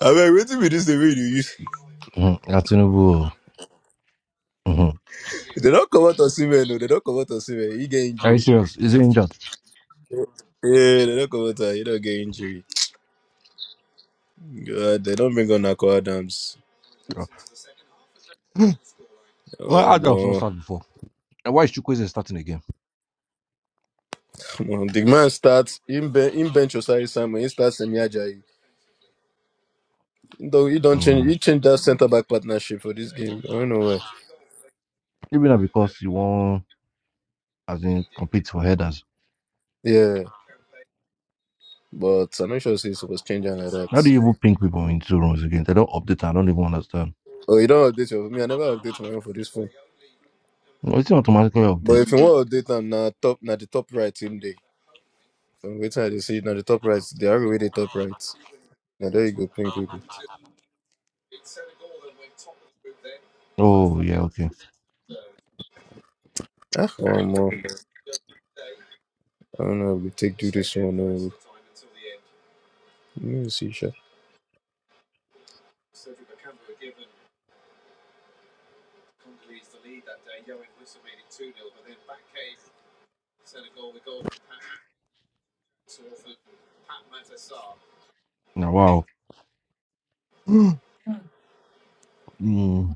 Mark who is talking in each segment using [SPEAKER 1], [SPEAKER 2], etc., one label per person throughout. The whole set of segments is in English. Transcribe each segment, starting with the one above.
[SPEAKER 1] I abeg wetin be This the way you use
[SPEAKER 2] Mm-hmm. Atinubu. Mm-hmm.
[SPEAKER 1] they don't come out on osimhen No, they don't come out on osimhen he get
[SPEAKER 2] Are you
[SPEAKER 1] injury
[SPEAKER 2] serious? Is he injured?
[SPEAKER 1] yeah they do don comot am he don't get injury god they not bring on Nako adams
[SPEAKER 2] Yeah.
[SPEAKER 1] Oh,
[SPEAKER 2] Well, Adams not
[SPEAKER 1] omo
[SPEAKER 2] start before. And why is Chukwueze starting again?
[SPEAKER 1] omo the man starts. him, ben, him bench osai samuel him start semi ajayi Though he don't change
[SPEAKER 2] Mm.
[SPEAKER 1] he change that centre back partnership for this game i don't know why
[SPEAKER 2] Even that because you want, as in, compete for headers.
[SPEAKER 1] yeah but i'm not sure say he suppose change am like
[SPEAKER 2] How do
[SPEAKER 1] that
[SPEAKER 2] you even ping people in two rooms again? They don't update. I don't even understand.
[SPEAKER 1] oh you don't update your me i never update my own for this phone
[SPEAKER 2] No, It's not automatically
[SPEAKER 1] but
[SPEAKER 2] update.
[SPEAKER 1] if you wan update am na top na the top right him day. So wait till they see now the top right, they are with the top right. Now there you go, ping people.
[SPEAKER 2] Oh, yeah, okay.
[SPEAKER 1] Ah, one more. I don't know if we take do this one. or No, let me see, sure.
[SPEAKER 2] Now, wow. mm.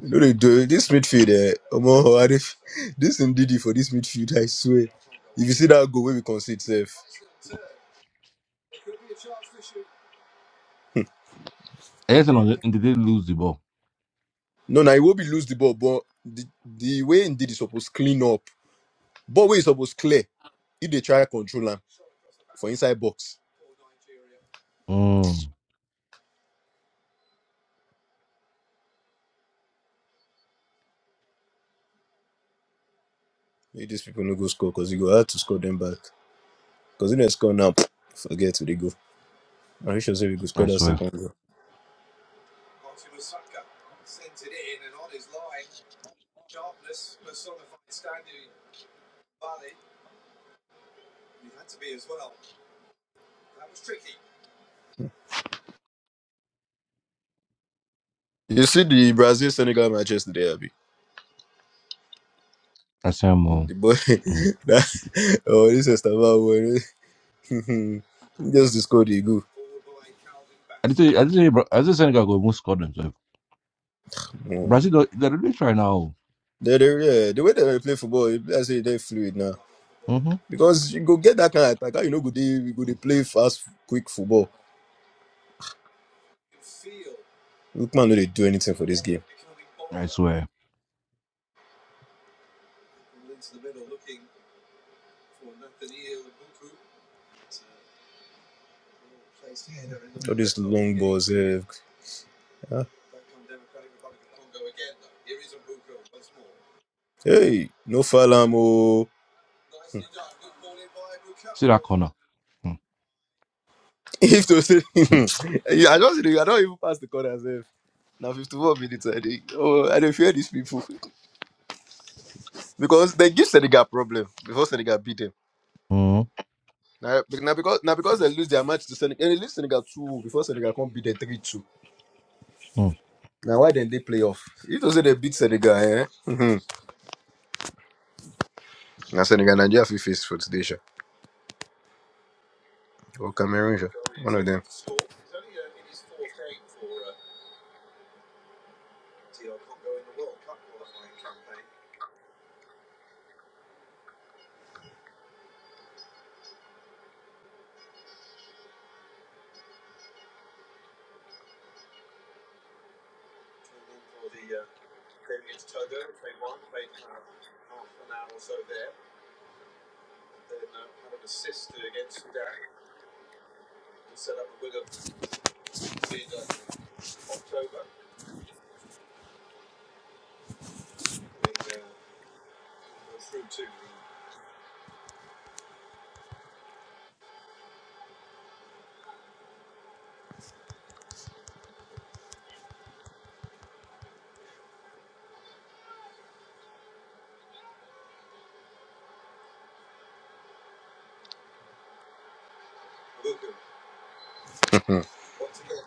[SPEAKER 1] You know they do this midfield. Eh, Omo, Arif, this indeed for this midfield. I swear. If you see that goal, where we concede safe.
[SPEAKER 2] Everything on the, and they did lose the ball.
[SPEAKER 1] No, now it will be lose the ball, but the, the way indeed is supposed clean up. But way is supposed clear. If they try control him for inside box,
[SPEAKER 2] Mm.
[SPEAKER 1] maybe these people no go score because you go have to score them back. Because if they score now, forget where they go. I should say we could score
[SPEAKER 2] I
[SPEAKER 1] that
[SPEAKER 2] swear.
[SPEAKER 1] second goal. You see the Brazil Senegal match yesterday, Abby.
[SPEAKER 2] I say I'm all.
[SPEAKER 1] The boy
[SPEAKER 2] Mm.
[SPEAKER 1] that oh this is about boy. just to score the goal.
[SPEAKER 2] I did say, I did say, Bra- I did say Senegal go move squad themselves.
[SPEAKER 1] Mm.
[SPEAKER 2] Brazil, don't- they're really trying now.
[SPEAKER 1] They, they, yeah, the way that they play football, I say they fluid now.
[SPEAKER 2] Mm-hmm.
[SPEAKER 1] Because you go get that kind of attack, how you know go they you go they play fast, quick football. Lookman no they do anything for this game.
[SPEAKER 2] I swear.
[SPEAKER 1] All these long balls, eh. ah. Hey, no fall am oh.
[SPEAKER 2] See that corner. Mm,
[SPEAKER 1] If to say, I just I don't even pass the corner Now fifty-four minutes, I think. Oh, I don't fear these people because they give Senegal problem before Senegal beat them.
[SPEAKER 2] mm,
[SPEAKER 1] Now, be- now because now because they lose their match to Senegal, and they lose Senegal two before Senegal can beat them three two.
[SPEAKER 2] mm.
[SPEAKER 1] Now why then they play off? If they say they beat Senegal, eh? hmm Now Senegal Nigeria fit face for today, sha. or Cameroon, sha. one of them.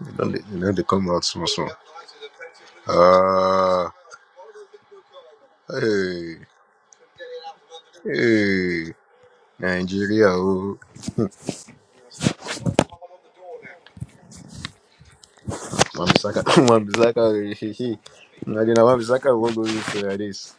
[SPEAKER 1] You know, they, you know they come out small small. Ah, hey, hey. Nigeria, oh, Wambisaka, Wambisaka, I didn't Wambisaka won't go this like this.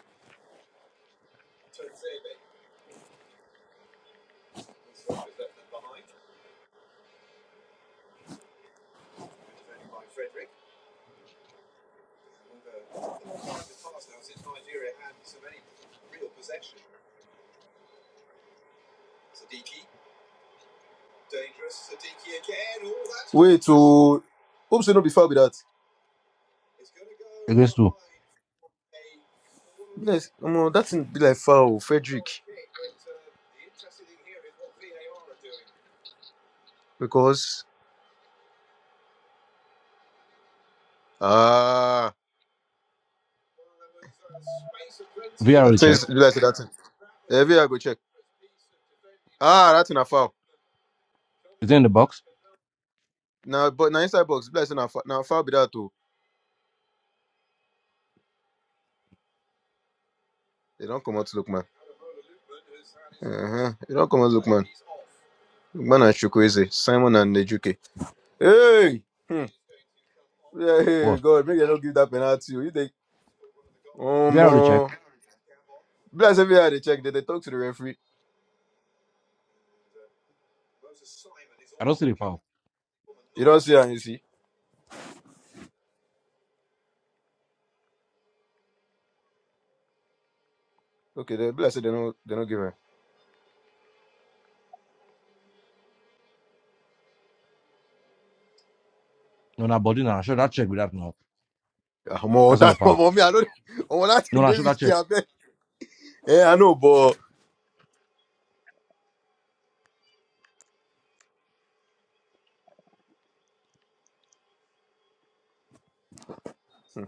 [SPEAKER 1] Wait, oh, hope so not be foul with that.
[SPEAKER 2] Against two.
[SPEAKER 1] Yes, um, that thing be like foul, Frederick, because ah, that
[SPEAKER 2] VRA
[SPEAKER 1] thing
[SPEAKER 2] check.
[SPEAKER 1] is be like say that thing. Every I go check. Ah, that thing a foul.
[SPEAKER 2] Is it in the box?
[SPEAKER 1] Now, but now inside box, be like say na fou- na foul be that too. They don't come out to look Uh-huh. It all comes Lookman. Lookman and Chukwueze. Simon and Nejuke. Hey! Hmm. Yeah, hey,
[SPEAKER 2] What?
[SPEAKER 1] God, make them not give that penalty. oh. You take. oh,
[SPEAKER 2] VRA check.
[SPEAKER 1] more. Bless every they check. They, they talk to the referee.
[SPEAKER 2] I don't see the foul.
[SPEAKER 1] You don't see her, you see. Okay, they bless it, they don't they don't give her.
[SPEAKER 2] No, na body now. Show that check with that now.
[SPEAKER 1] Um, oh,
[SPEAKER 2] That's not the
[SPEAKER 1] that
[SPEAKER 2] foul.
[SPEAKER 1] oh, me, I don't oh, that
[SPEAKER 2] No,
[SPEAKER 1] thing
[SPEAKER 2] na
[SPEAKER 1] they
[SPEAKER 2] show that
[SPEAKER 1] risky.
[SPEAKER 2] check.
[SPEAKER 1] I bet. Yeah, I know, but hmm,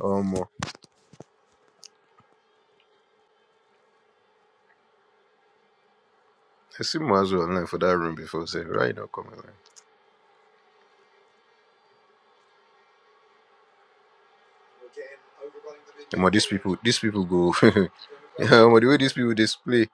[SPEAKER 1] Oh um, I see Mazu online for that room before say right now coming online. Um, these people these people go yeah, um, the way these people display.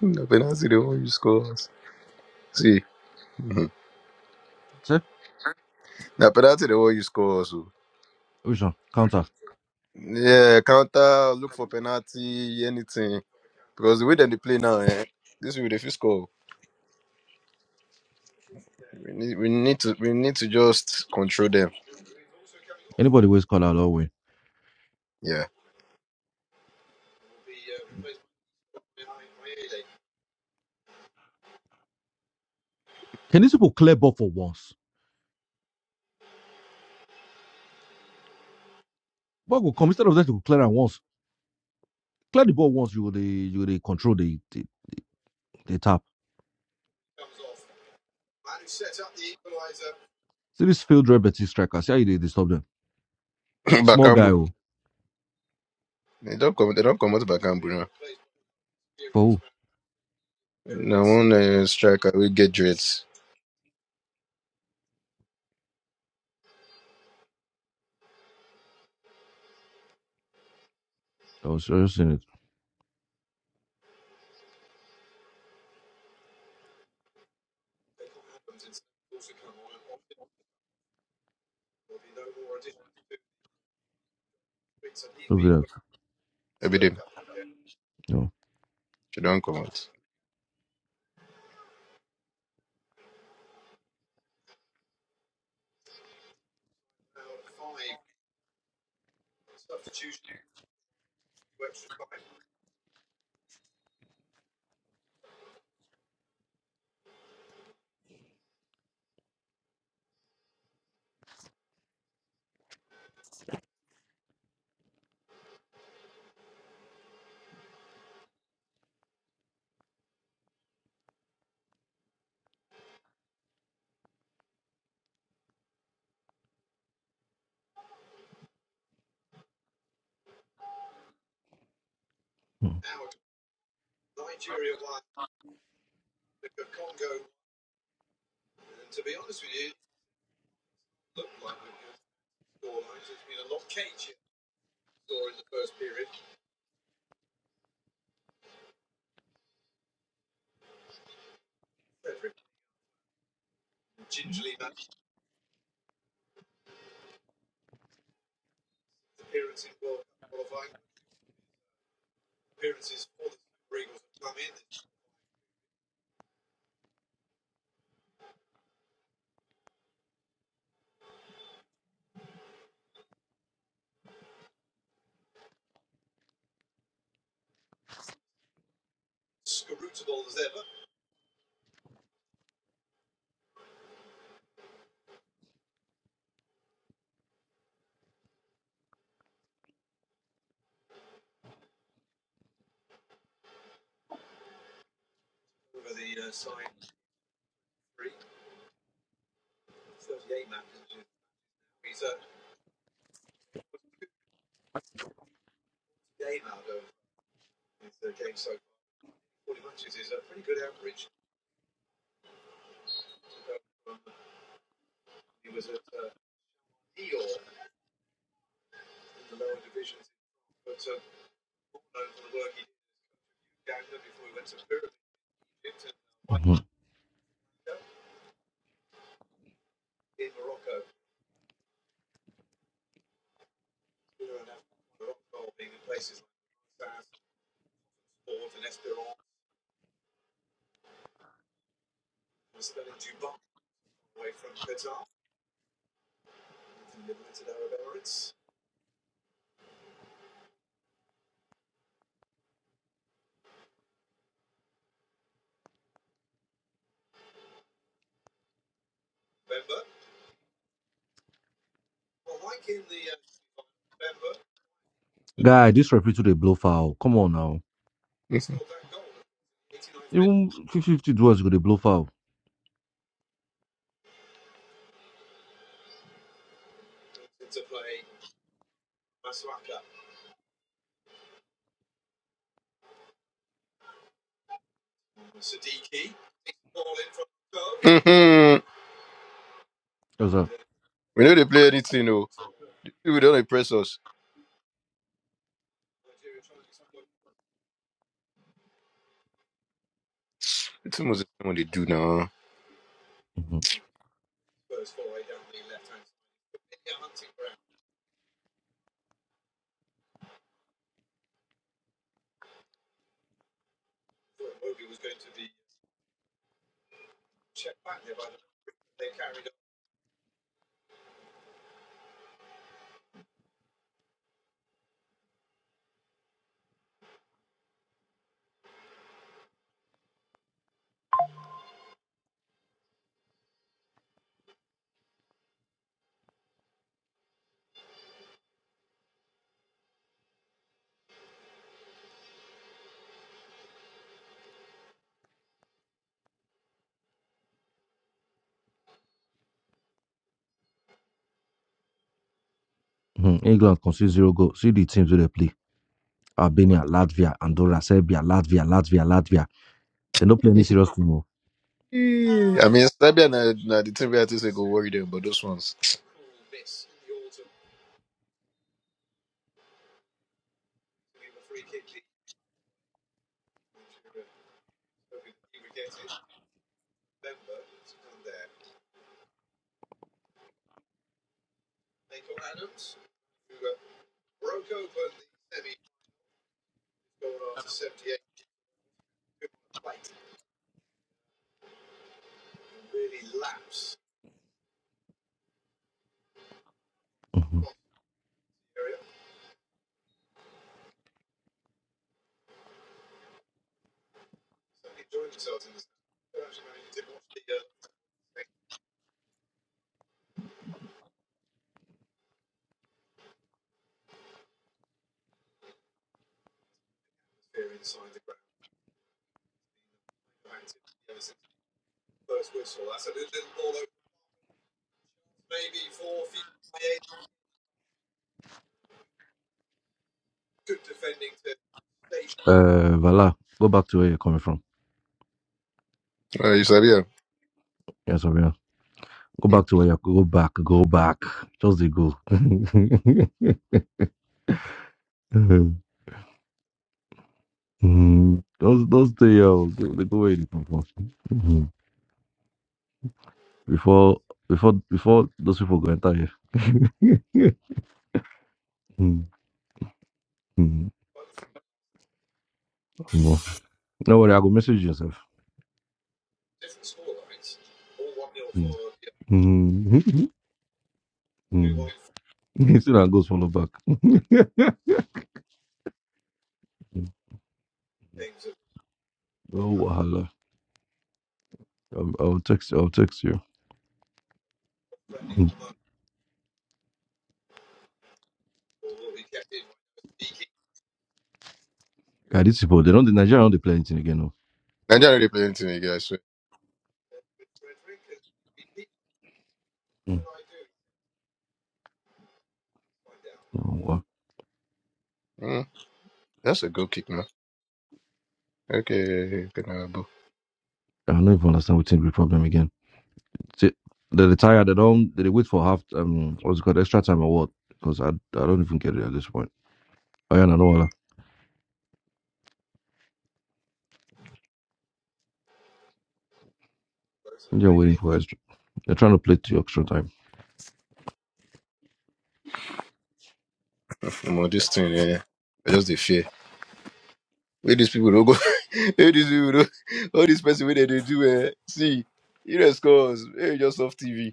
[SPEAKER 1] Na penalty, the one you scores. See, mhm.
[SPEAKER 2] See?
[SPEAKER 1] na penalty, the one you score. So
[SPEAKER 2] Which one? Counter.
[SPEAKER 1] yeah, counter, look for penalty, anything. Because the way that they play now, eh, this will be the first score. We need, we need to, we need to just control them.
[SPEAKER 2] Anybody waste call out all the way.
[SPEAKER 1] Yeah,
[SPEAKER 2] Can these people clear ball for once? Ball will come instead of that to clear and once. Clear the ball once you will they you will they control the the, the tap. See this field red Betis striker. See how you they, they stop them. Small guy
[SPEAKER 1] Bakambu.
[SPEAKER 2] oh.
[SPEAKER 1] They don't come, they don't come out Bakambu now.
[SPEAKER 2] For who?
[SPEAKER 1] Now one uh, striker we get dreads
[SPEAKER 2] I was just seeing it. Look at that.
[SPEAKER 1] every day.
[SPEAKER 2] No.
[SPEAKER 1] They don't come out.
[SPEAKER 2] Mm, mhm. Guy, this referee today blow foul. Come on now.
[SPEAKER 1] Mhm.
[SPEAKER 2] Even 50-50 draws go dey blow foul.
[SPEAKER 1] Mhm.
[SPEAKER 2] That's all.
[SPEAKER 1] we know they play anything, though. We don't impress us. It's almost what they do now.
[SPEAKER 2] Mhm, mhm. England conceded zero goal. See the teams wey they play: Albania, Latvia, Andorra, Serbia, Latvia, Latvia, Latvia. They don't play any serious team. oh.
[SPEAKER 1] I mean, Serbia na, na the team we have to say go worry them, but those ones.
[SPEAKER 2] Mhm. Uh, Vala, go back to where you're coming from.
[SPEAKER 1] Uh, you Serbia.
[SPEAKER 2] Yes, Abina. Go
[SPEAKER 1] Hmm.
[SPEAKER 2] back to where you go back, go back. Just the go. Mhm. Just do stay here. oh. Go- They go where you come from. Mhm. Before before before those people go enter here. Mhm. Mhm. Omo. No worry, I go message yourself. Mm. Mm. You see that goes from the back. Mm. Oh wahala. I'll, I'll text I'll text you. Mm. Ah, these people they don't the Nigeria don't they play anything again no.
[SPEAKER 1] Nigeria they play anything, guys. So.
[SPEAKER 2] Mm. Oh, wow.
[SPEAKER 1] Mm, that's a good kick, man. Okay, Penalabo.
[SPEAKER 2] I don't even understand what's the problem again. See, they retire, they don't they wait for half um what's it called extra time or what? Because I, I don't even get it at this point. I don't know what they're waiting for extra. They're trying to play to extra time.
[SPEAKER 1] I'm on this thing, yeah. yeah. I just the fear. Where these people don't go. Where these people don't. All these person where they dey do eh. See, you know scores. Hey, just off TV.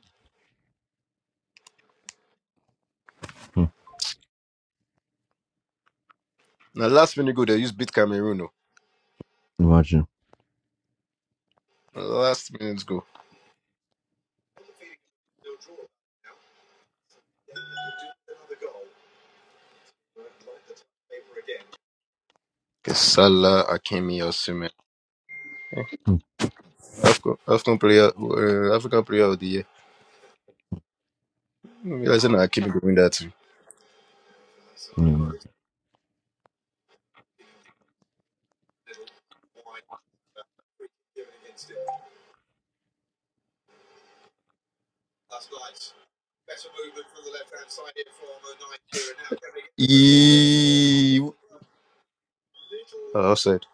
[SPEAKER 2] Mm.
[SPEAKER 1] Now last minute go they use beat Cameroon. Oh.
[SPEAKER 2] Imagine.
[SPEAKER 1] Last minute go. Okay, Salah, Akimi, Osimhen.
[SPEAKER 2] Mm.
[SPEAKER 1] African, African player, uh, African player of the year. I said, no, Akimi go win that.
[SPEAKER 2] Yeah.
[SPEAKER 1] Yee. Oh, offside.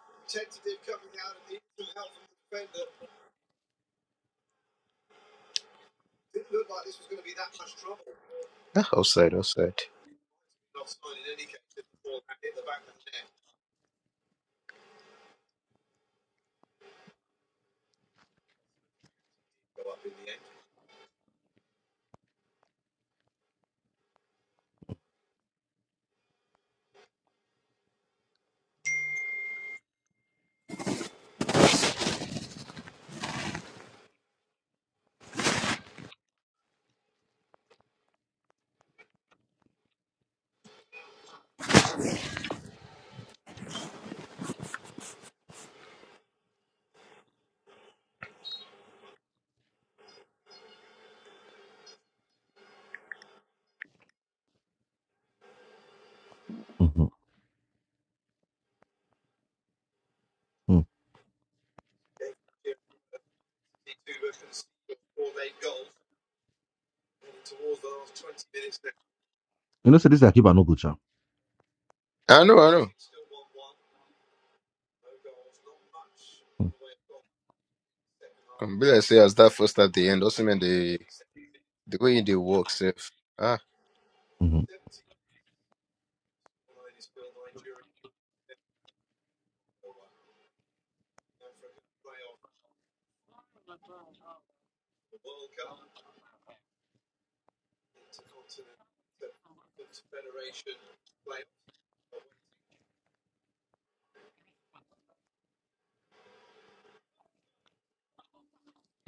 [SPEAKER 1] Ah, offside, offside.
[SPEAKER 2] Mm-hmm. Mm. You know, so this I keep an no good job.
[SPEAKER 1] I know, I know. Um, be like say as that first at the end, also mean they they go in the work safe. Ah,
[SPEAKER 2] Mm-hmm.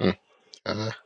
[SPEAKER 1] mm, ah,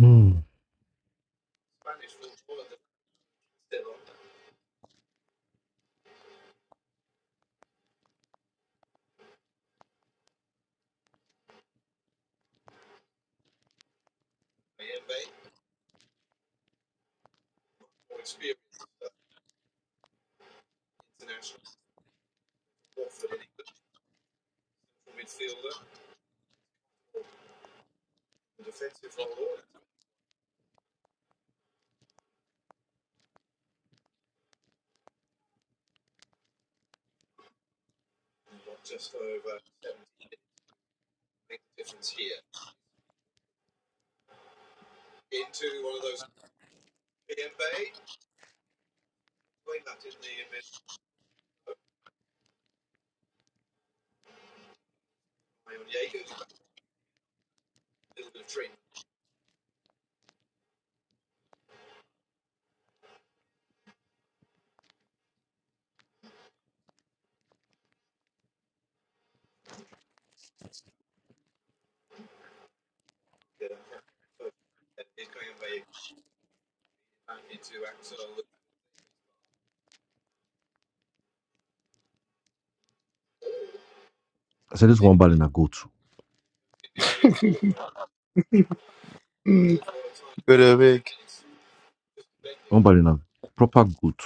[SPEAKER 2] Mm. I said this one ball in a goat.
[SPEAKER 1] mm, good a big.
[SPEAKER 2] One body now. Proper good.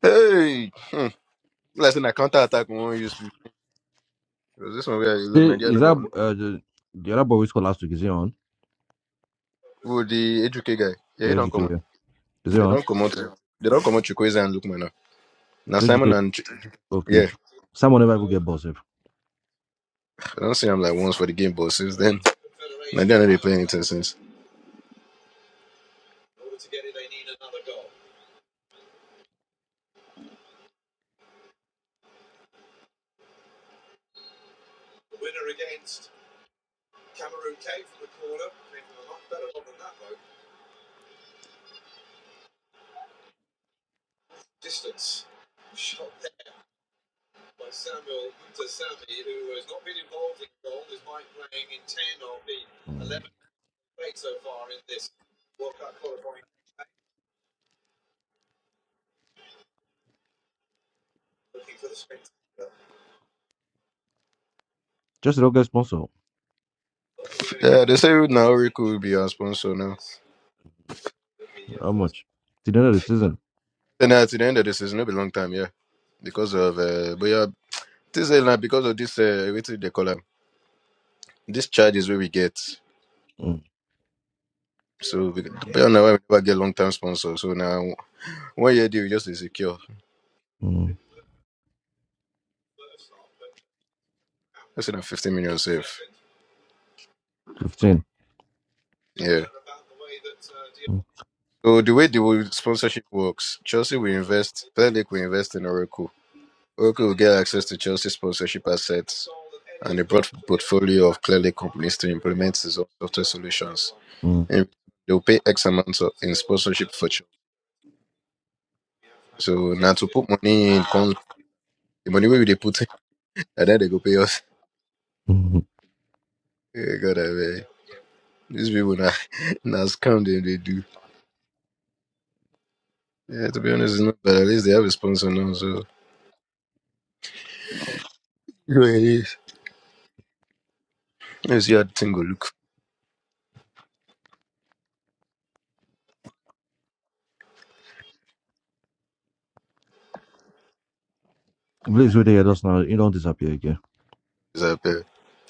[SPEAKER 1] Hey, hmm. Be like say na counter attack we won't use people. Because this one where you look
[SPEAKER 2] Hey,
[SPEAKER 1] Nigeria
[SPEAKER 2] is
[SPEAKER 1] no
[SPEAKER 2] that
[SPEAKER 1] don't.
[SPEAKER 2] uh, the, the other boy we saw last week? Is he on?
[SPEAKER 1] Oh, the Ejuke guy? Yeah, he
[SPEAKER 2] Yeah,
[SPEAKER 1] don't come on.
[SPEAKER 2] educator. Is he
[SPEAKER 1] They
[SPEAKER 2] on?
[SPEAKER 1] don't come out. eh? They don't come out Chukwueze and Lukman now. Now
[SPEAKER 2] It's
[SPEAKER 1] Simon
[SPEAKER 2] educator.
[SPEAKER 1] and Ch-
[SPEAKER 2] Okay.
[SPEAKER 1] yeah,
[SPEAKER 2] Eju- Someone never will get boss. If.
[SPEAKER 1] I don't see him like once for the game, but since then Nigeria no dey play anything since.
[SPEAKER 2] Mm. Just don't get sponsor.
[SPEAKER 1] Yeah, they say Naoriku will be our sponsor now.
[SPEAKER 2] How much? Till the end of the season.
[SPEAKER 1] And at the end of the season, it'll be long time, yeah. Because of, uh, but yeah, this is like because of this, uh, what do they call them? This charge is where we get.
[SPEAKER 2] Mm.
[SPEAKER 1] So, we, but yeah, now we never get long term sponsor. So now, one year deal just is secure.
[SPEAKER 2] Mm.
[SPEAKER 1] That's in 15 million safe.
[SPEAKER 2] 15.
[SPEAKER 1] Yeah.
[SPEAKER 2] Mm.
[SPEAKER 1] So the way the way sponsorship works, Chelsea will invest, Premier League will invest in Oracle. Oracle will get access to Chelsea's sponsorship assets and a broad portfolio of clearly companies to implement its own software solutions.
[SPEAKER 2] Mm.
[SPEAKER 1] And they'll pay X amount of, in sponsorship for Chelsea. So now to put money in, con- the money where they put, it, and then they go pay us.
[SPEAKER 2] Mm.
[SPEAKER 1] Eh, God, I beg. These people now, now scam them, they do. Yeah, to be honest, it's not bad. At least they have a sponsor now, so. You it is. Let's see how the thing go look.
[SPEAKER 2] Please wait there just now. You don't disappear again.
[SPEAKER 1] It's a pair.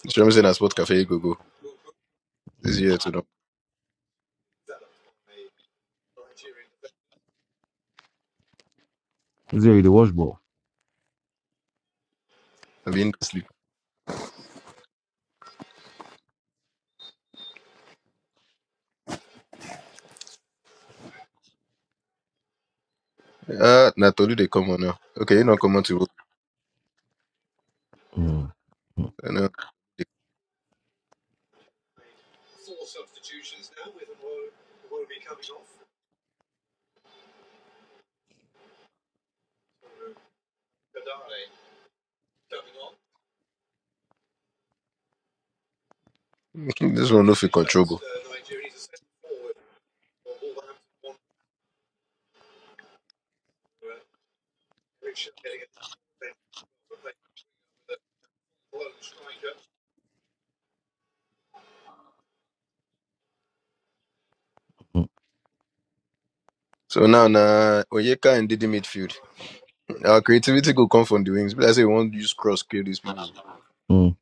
[SPEAKER 1] It's saying that Sport Cafe go go. This
[SPEAKER 2] Mm.
[SPEAKER 1] year to know.
[SPEAKER 2] Is there the wash ball?
[SPEAKER 1] I've been sleep. Ah, uh, Natolu, they come on now. Okay, you not come on to.
[SPEAKER 2] Mm.
[SPEAKER 1] I know. this one no fit control go.
[SPEAKER 2] Mm.
[SPEAKER 1] So now na Onyeka and Didi midfield. Our creativity go come from the wings. But I say we want to use cross kill these people.
[SPEAKER 2] Mm.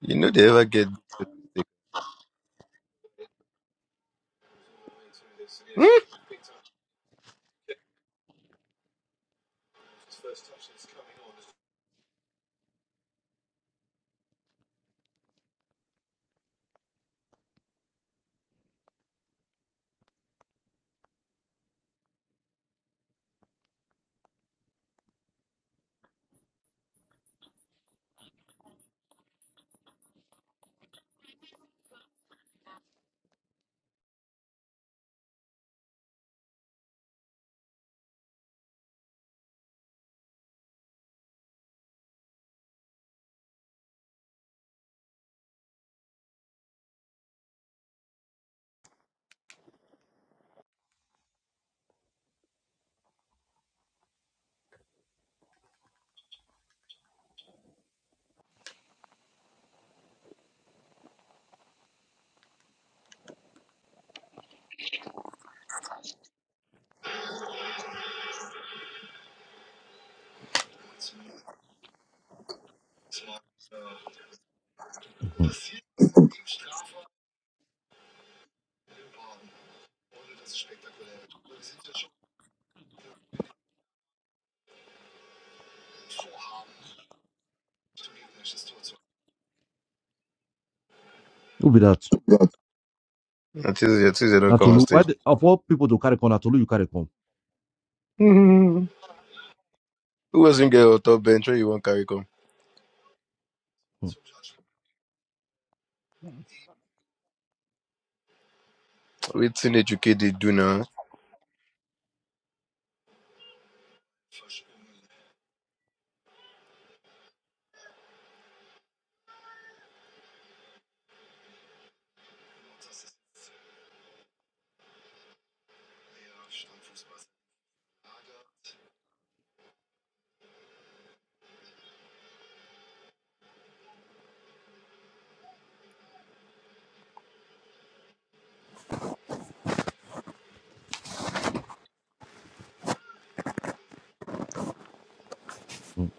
[SPEAKER 1] You know they ever get good set piece. Hmm?
[SPEAKER 2] Mm. Who be that?
[SPEAKER 1] Until, until they don't come on
[SPEAKER 2] Natolu. Why
[SPEAKER 1] stage.
[SPEAKER 2] the, of all people to carry con Natolu, you carry con.
[SPEAKER 1] Hmm. Who was in get on top bench where you want carry come?
[SPEAKER 2] Mm.
[SPEAKER 1] Wait till educate they do now.
[SPEAKER 2] Mm,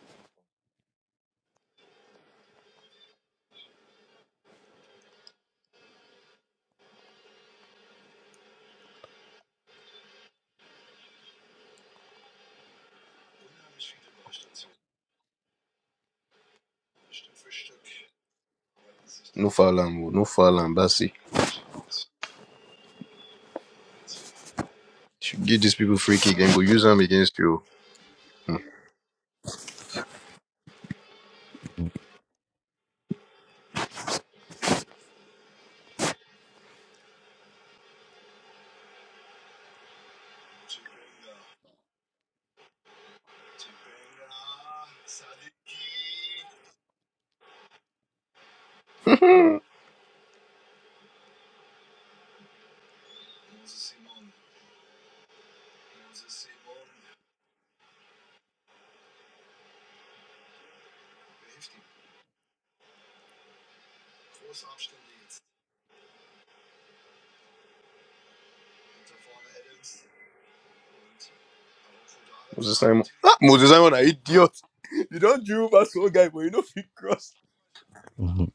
[SPEAKER 1] No foul am, oh. no foul am. That's it. Should give these people free kick and go use them against you.
[SPEAKER 2] mm,
[SPEAKER 1] Moses Simon, ah, Moses Simon, are idiot. You don't dribble past one guy, but you know fit cross.
[SPEAKER 2] mhm.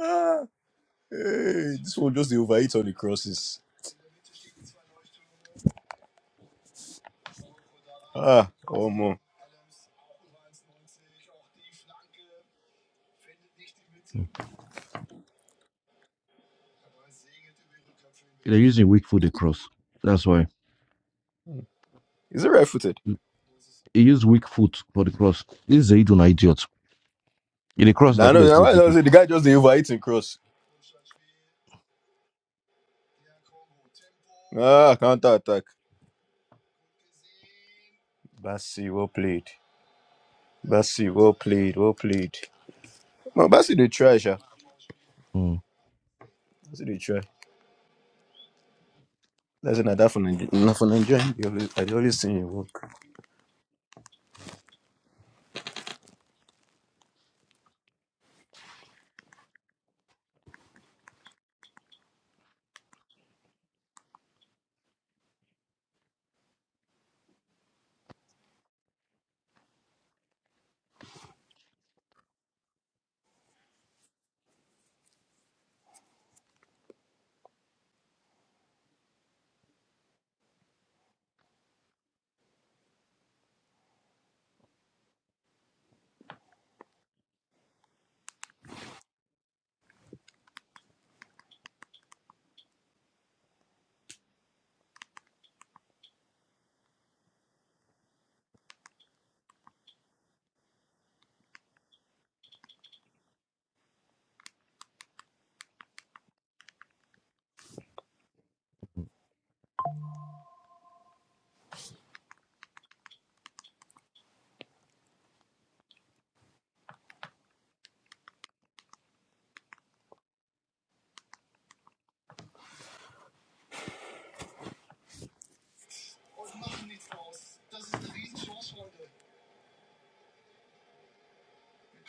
[SPEAKER 1] Ah, hey, this one just dey overeat on the crosses. Ah, oh man.
[SPEAKER 2] They're using weak foot, they cross. That's why.
[SPEAKER 1] Is it right footed?
[SPEAKER 2] Mm, He used weak foot for the cross. This is Zaid an idiot. In the cross, like,
[SPEAKER 1] Nah,
[SPEAKER 2] could
[SPEAKER 1] no,
[SPEAKER 2] they
[SPEAKER 1] nah,
[SPEAKER 2] play
[SPEAKER 1] why
[SPEAKER 2] free?
[SPEAKER 1] I say the guy just dey overeat in cross. Ah, counter attack. Well played. Bassi, well played, well played. Man, Bassi they try, Sha.
[SPEAKER 2] Mm.
[SPEAKER 1] Bassi they try. That's not that for Nigeria. Not for Nigeria. They always, I dey always see you work.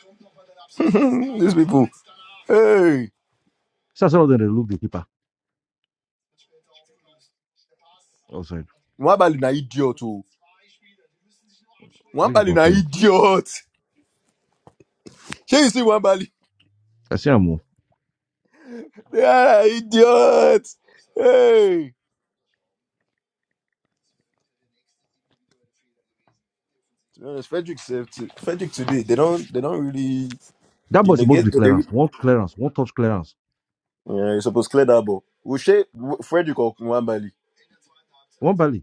[SPEAKER 1] These people. Hey,
[SPEAKER 2] So some of them, they look the keeper outside.
[SPEAKER 1] Nwabali na idiot. oh.
[SPEAKER 2] We can
[SPEAKER 1] Nwabali na
[SPEAKER 2] continue.
[SPEAKER 1] idiot. Shey you see Nwabali?
[SPEAKER 2] I see Amu.
[SPEAKER 1] They are idiot. Hey. To be honest, Frederick said to, Frederick today they don't they don't really
[SPEAKER 2] That
[SPEAKER 1] they
[SPEAKER 2] boy supposed to
[SPEAKER 1] negate
[SPEAKER 2] be
[SPEAKER 1] but they
[SPEAKER 2] clearance.
[SPEAKER 1] really,
[SPEAKER 2] One clearance, one touch clearance,
[SPEAKER 1] yeah you supposed to clear that ball. We share Frederick or Nwambali.
[SPEAKER 2] one belly.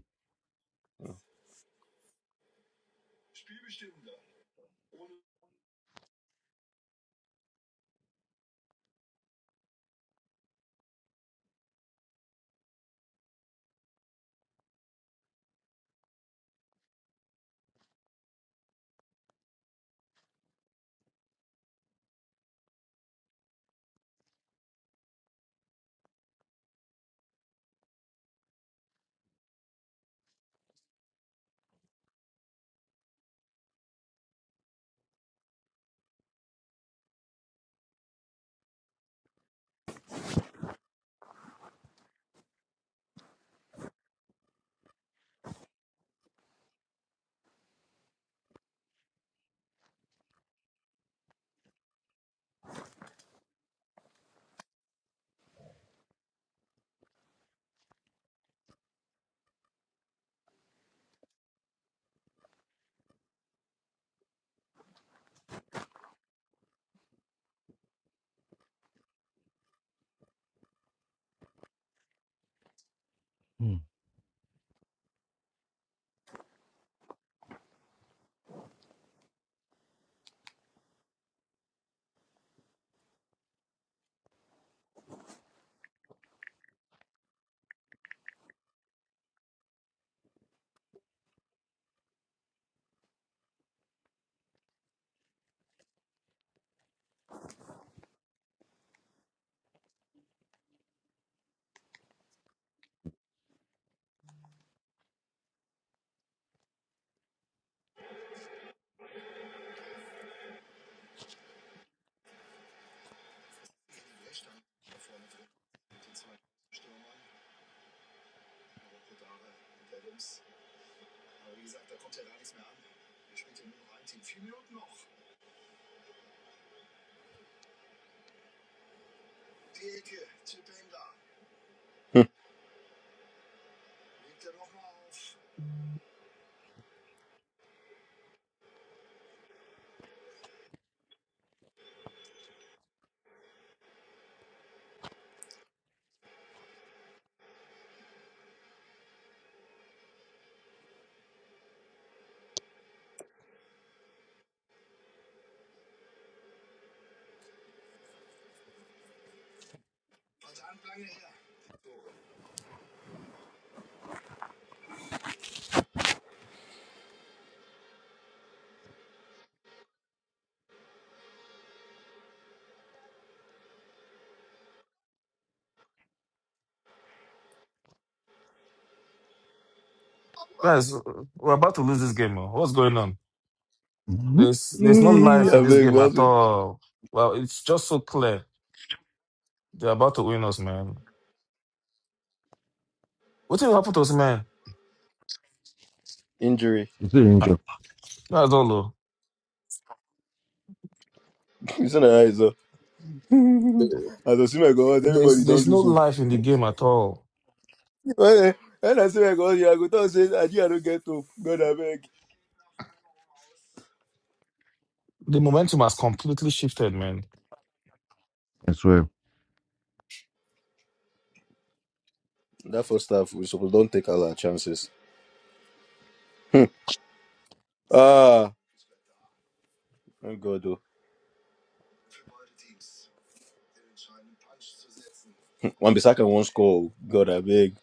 [SPEAKER 2] Mm.
[SPEAKER 1] I
[SPEAKER 3] Guys, we're about to lose this game. oh. What's going on?
[SPEAKER 2] Mm-hmm.
[SPEAKER 3] There's there's no life in this
[SPEAKER 1] beg we
[SPEAKER 3] game at
[SPEAKER 1] also
[SPEAKER 3] all. Well, it's just so clear. They're about to win us, man. What will happen to us, man?
[SPEAKER 1] injury.
[SPEAKER 2] It's an injured.
[SPEAKER 3] That's all. oh.
[SPEAKER 1] Listen to eyes up. As I see my God,
[SPEAKER 3] There's
[SPEAKER 1] everybody don't
[SPEAKER 3] there's no
[SPEAKER 1] lose hope.
[SPEAKER 3] life in the game at all.
[SPEAKER 1] When I when I see my God, yeah, I go talk say Nigeria don't get hope. God I beg.
[SPEAKER 3] The momentum has completely shifted, man.
[SPEAKER 2] I swear.
[SPEAKER 1] That first half we supposed don't take all our chances. Ah, thank God though. One Bissaka won't score. oh. God I beg.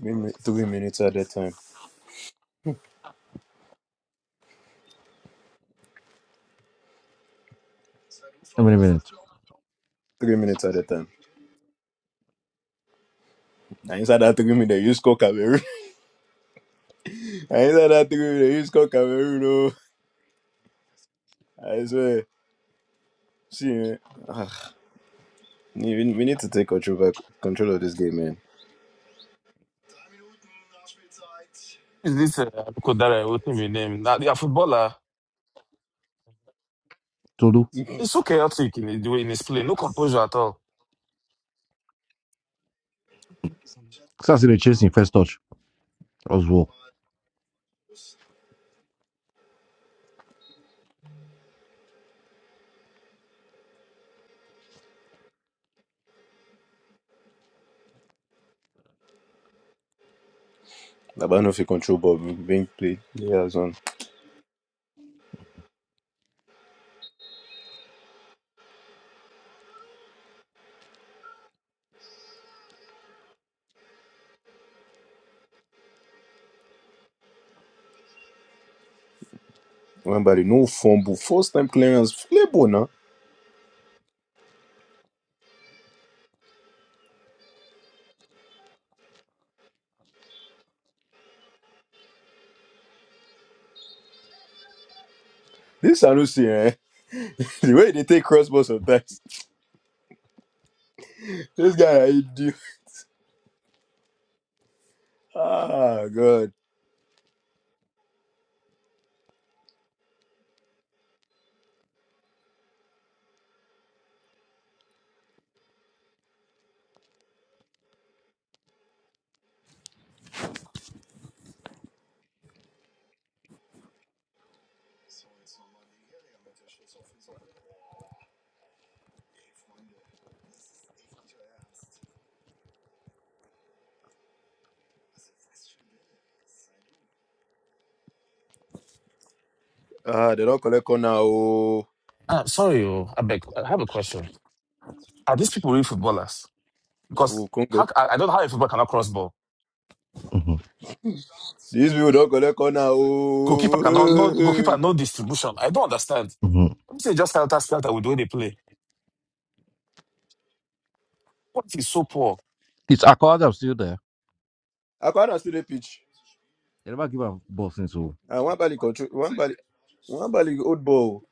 [SPEAKER 1] Three, min- three minutes at a time.
[SPEAKER 2] How many minutes?
[SPEAKER 1] Three minutes at a time. And inside that three minutes, you score Cameroon. And inside that three minutes, you score Cameroon. Oh, I swear. See, man. Ah, we, we need to take control back, control of this game, man.
[SPEAKER 3] Is this uh, Kodare? What name? his name? Now, the footballer.
[SPEAKER 2] Todo.
[SPEAKER 3] It's so chaotic in his, the way in his play. No composure at all.
[SPEAKER 2] Sassi, they chasing first touch. Oswald.
[SPEAKER 1] About no fit control, but being played. Yeah, son. Remember, no fumble, first time clearance, play ball now. This I don't see, eh? The way they take crossbow sometimes. This guy, I do. Ah, God. Ah, they don't collect corner, oh.
[SPEAKER 3] Uh, sorry, oh, I beg. I have a question. Are these people real footballers?
[SPEAKER 1] Oh,
[SPEAKER 3] Because how,
[SPEAKER 1] Congo.
[SPEAKER 3] c- I, I don't know how a footballer cannot cross ball.
[SPEAKER 2] Mm-hmm.
[SPEAKER 1] These people don't collect corner,
[SPEAKER 3] Goalkeeper cannot no
[SPEAKER 1] oh.
[SPEAKER 3] goalkeeper no distribution. I don't understand.
[SPEAKER 2] Mm-hmm.
[SPEAKER 3] I'm saying just helter skelter with the way they play. What is so poor?
[SPEAKER 2] It's Akko Adams still there.
[SPEAKER 1] I can't see the pitch.
[SPEAKER 2] They never give up ball since. oh.
[SPEAKER 1] And one bally control one bally one bally old ball.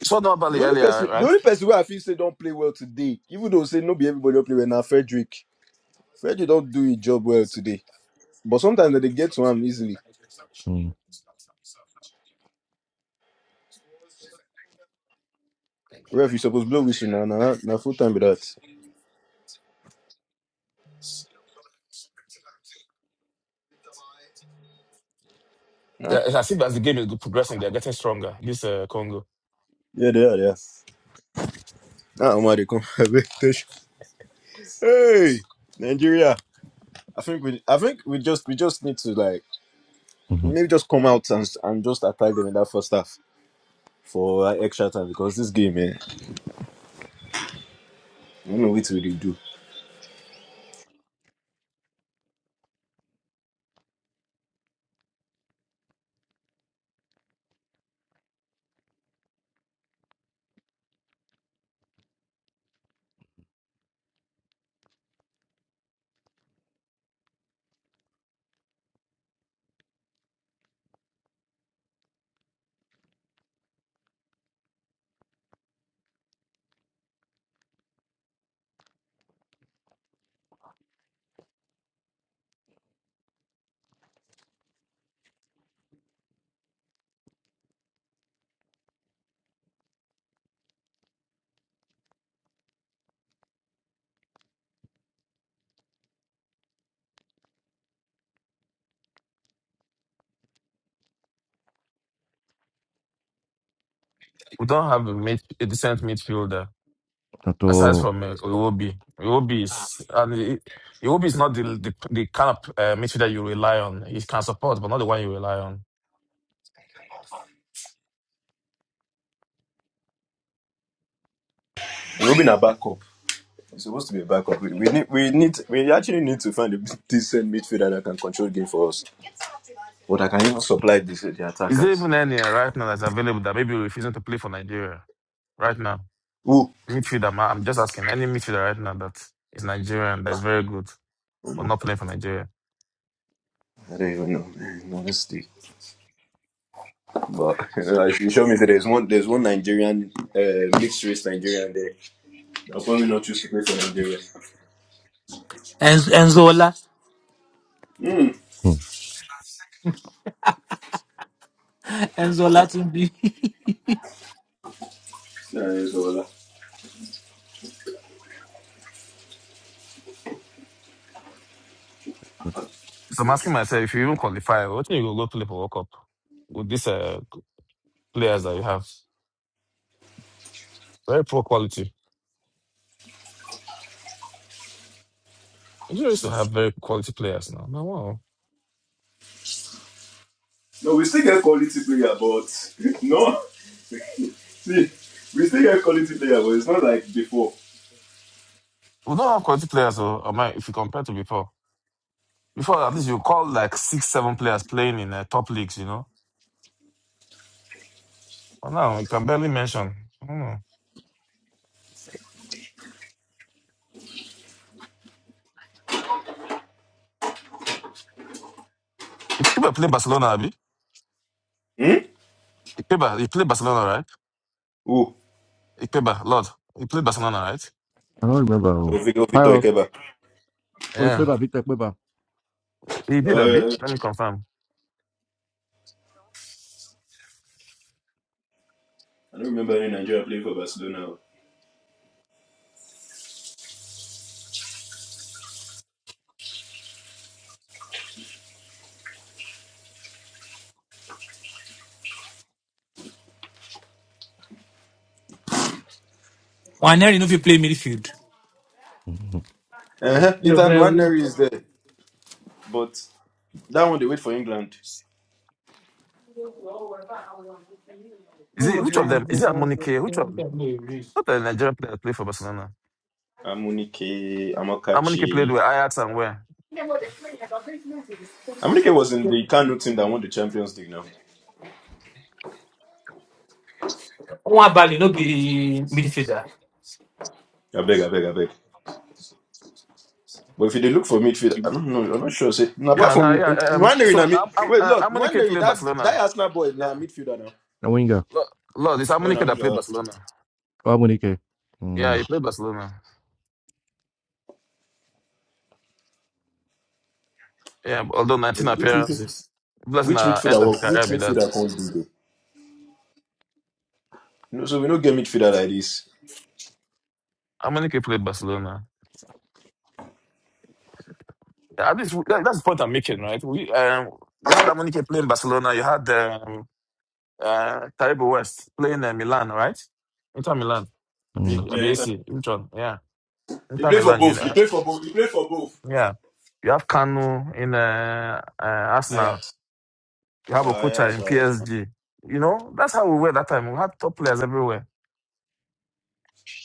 [SPEAKER 3] You saw Nobali
[SPEAKER 1] The only
[SPEAKER 3] earlier,
[SPEAKER 1] person the
[SPEAKER 3] right?
[SPEAKER 1] only person where I feel say don't play well today, even though say no be everybody don play well now, Frederick. Frederick don't do his job well today. But sometimes they dey get to him easily.
[SPEAKER 2] Mm.
[SPEAKER 1] Ref, you suppose blow whistle now, now, now full time be that. Huh?
[SPEAKER 3] Yeah, It's as if as the game is progressing, they're getting stronger. This uh, Congo,
[SPEAKER 1] Yeah, they are, yeah. Ah, Omar, they come. Abeg, touch. hey, Nigeria. I think we, I think we just, we just need to like maybe just come out and and just attack them in that first half for uh, extra time because this game, man, I don't know what we dey do.
[SPEAKER 3] we don't have a, mid, a decent midfielder aside
[SPEAKER 2] あと、
[SPEAKER 3] from uh, Iwobi. Iwobi is and I- Iwobi is not the the, the kind of uh, midfielder you rely on. He can support, but not the one you rely on.
[SPEAKER 1] Robin Abako. It's supposed to be a backup. We, we need, we need, we actually need to find a decent midfielder that can control game for us. But I can even supply this, the
[SPEAKER 3] Is there
[SPEAKER 1] attackers.
[SPEAKER 3] even any uh, right now that's available that maybe refusing to play for Nigeria right now?
[SPEAKER 1] Who?
[SPEAKER 3] midfielder. ma- I'm just asking any midfielder right now that is Nigerian that is very good
[SPEAKER 1] Oh,
[SPEAKER 3] but
[SPEAKER 1] no.
[SPEAKER 3] not playing for Nigeria.
[SPEAKER 1] I don't even know. man. Honestly, But you know, she showed me that there's one, there's one Nigerian, uh, mixed race Nigerian there. I'll probably not choose to play for Nigeria.
[SPEAKER 4] And Enzola,
[SPEAKER 2] うん。
[SPEAKER 4] Enzola Tunbi.
[SPEAKER 1] Nah, it's all right.
[SPEAKER 3] So I'm asking myself if you even qualify, what do you go go play for World Cup with these uh, players that you have? Very poor quality. Nigeria used to have very quality players now. No, wow.
[SPEAKER 1] No, we still get quality player, but no, see, we still get quality player, but it's not like before.
[SPEAKER 3] We don't have quality players, though, am I- mean, if you compare to before. Before, at least you call like six, seven players playing in uh, top leagues, you know. But now, you can barely mention. I don't know. Ikeba played Barcelona, Abi.
[SPEAKER 1] Hmm?
[SPEAKER 3] Ikeba, he played Barcelona, right?
[SPEAKER 1] Who?
[SPEAKER 3] He played Bar- Lord. He played Barcelona, right?
[SPEAKER 2] I don't remember.
[SPEAKER 1] Oh, Victor Ikeba.
[SPEAKER 3] Yeah.
[SPEAKER 2] はいよ。おい、バイバイ、ビッタ、バイバイ。
[SPEAKER 3] He did
[SPEAKER 1] Oh,
[SPEAKER 3] a bit.
[SPEAKER 1] yeah. yeah.
[SPEAKER 3] Let me confirm.
[SPEAKER 1] I don't remember any Nigeria playing for Barcelona.
[SPEAKER 4] Waneri no fit play midfield.
[SPEAKER 2] うん
[SPEAKER 1] Uh-huh. Ethan Nwaneri is there, but that one they wait for England.
[SPEAKER 3] Is it which of them? Is it Amonike? Which of not the Nigerian player that played for Barcelona?
[SPEAKER 1] Amunike,
[SPEAKER 3] Amonike played
[SPEAKER 1] Amakachi.
[SPEAKER 3] with Ajax and where?
[SPEAKER 1] Amunike was in the Kano team that won the Champions League now.
[SPEAKER 4] One Bali no be midfielder.
[SPEAKER 1] I beg, I beg, I beg. But if you dey look for midfield, I don't know. I'm not sure. Say, no, apart
[SPEAKER 3] Yeah, no,
[SPEAKER 1] from
[SPEAKER 3] yeah. Um,
[SPEAKER 1] Nwaneri,
[SPEAKER 3] so
[SPEAKER 1] na mid.
[SPEAKER 3] now Am-
[SPEAKER 1] Wait,
[SPEAKER 3] uh,
[SPEAKER 1] look,
[SPEAKER 3] Amonike
[SPEAKER 1] Nwaneri,
[SPEAKER 3] played
[SPEAKER 1] that
[SPEAKER 3] Barcelona.
[SPEAKER 1] that Arsenal boy, na
[SPEAKER 3] Yeah.
[SPEAKER 1] midfielder now.
[SPEAKER 3] Lord, Lord, it's
[SPEAKER 1] Oh, na
[SPEAKER 3] Amonike that played
[SPEAKER 1] winger.
[SPEAKER 3] Barcelona.
[SPEAKER 2] な、ウィンガー。あ、モニケ。うん。
[SPEAKER 3] Yeah, he played Barcelona. Yeah, although 19
[SPEAKER 1] Which midfielder?
[SPEAKER 3] appearances. Blessing
[SPEAKER 1] Which
[SPEAKER 3] the end
[SPEAKER 1] midfielder?
[SPEAKER 3] of his
[SPEAKER 1] work- Which
[SPEAKER 3] career be that.
[SPEAKER 1] midfielder can't do though? No, so we don't get midfielder like this.
[SPEAKER 3] Amonike played Barcelona. Yeah, at least that- that's the point I'm making, right? We um, you had Amonike playing Barcelona. You had. um. uh, Taribo West playing uh, Milan, right? Inter Milan.
[SPEAKER 2] うん
[SPEAKER 3] Abi,
[SPEAKER 1] Yeah,
[SPEAKER 3] Abi
[SPEAKER 1] Ethan.
[SPEAKER 3] AC, which one? Yeah.
[SPEAKER 1] He
[SPEAKER 3] Inter
[SPEAKER 1] play for
[SPEAKER 3] Milan, you
[SPEAKER 1] both. He
[SPEAKER 3] know,
[SPEAKER 1] play for both. He play for both.
[SPEAKER 3] yeah. You have Kanu in uh, uh, Arsenal.
[SPEAKER 1] Ajax.
[SPEAKER 3] You have Okucha
[SPEAKER 1] Ajax.
[SPEAKER 3] in
[SPEAKER 1] Ajax.
[SPEAKER 3] PSG. You know, that's how we were that time. We had top players everywhere.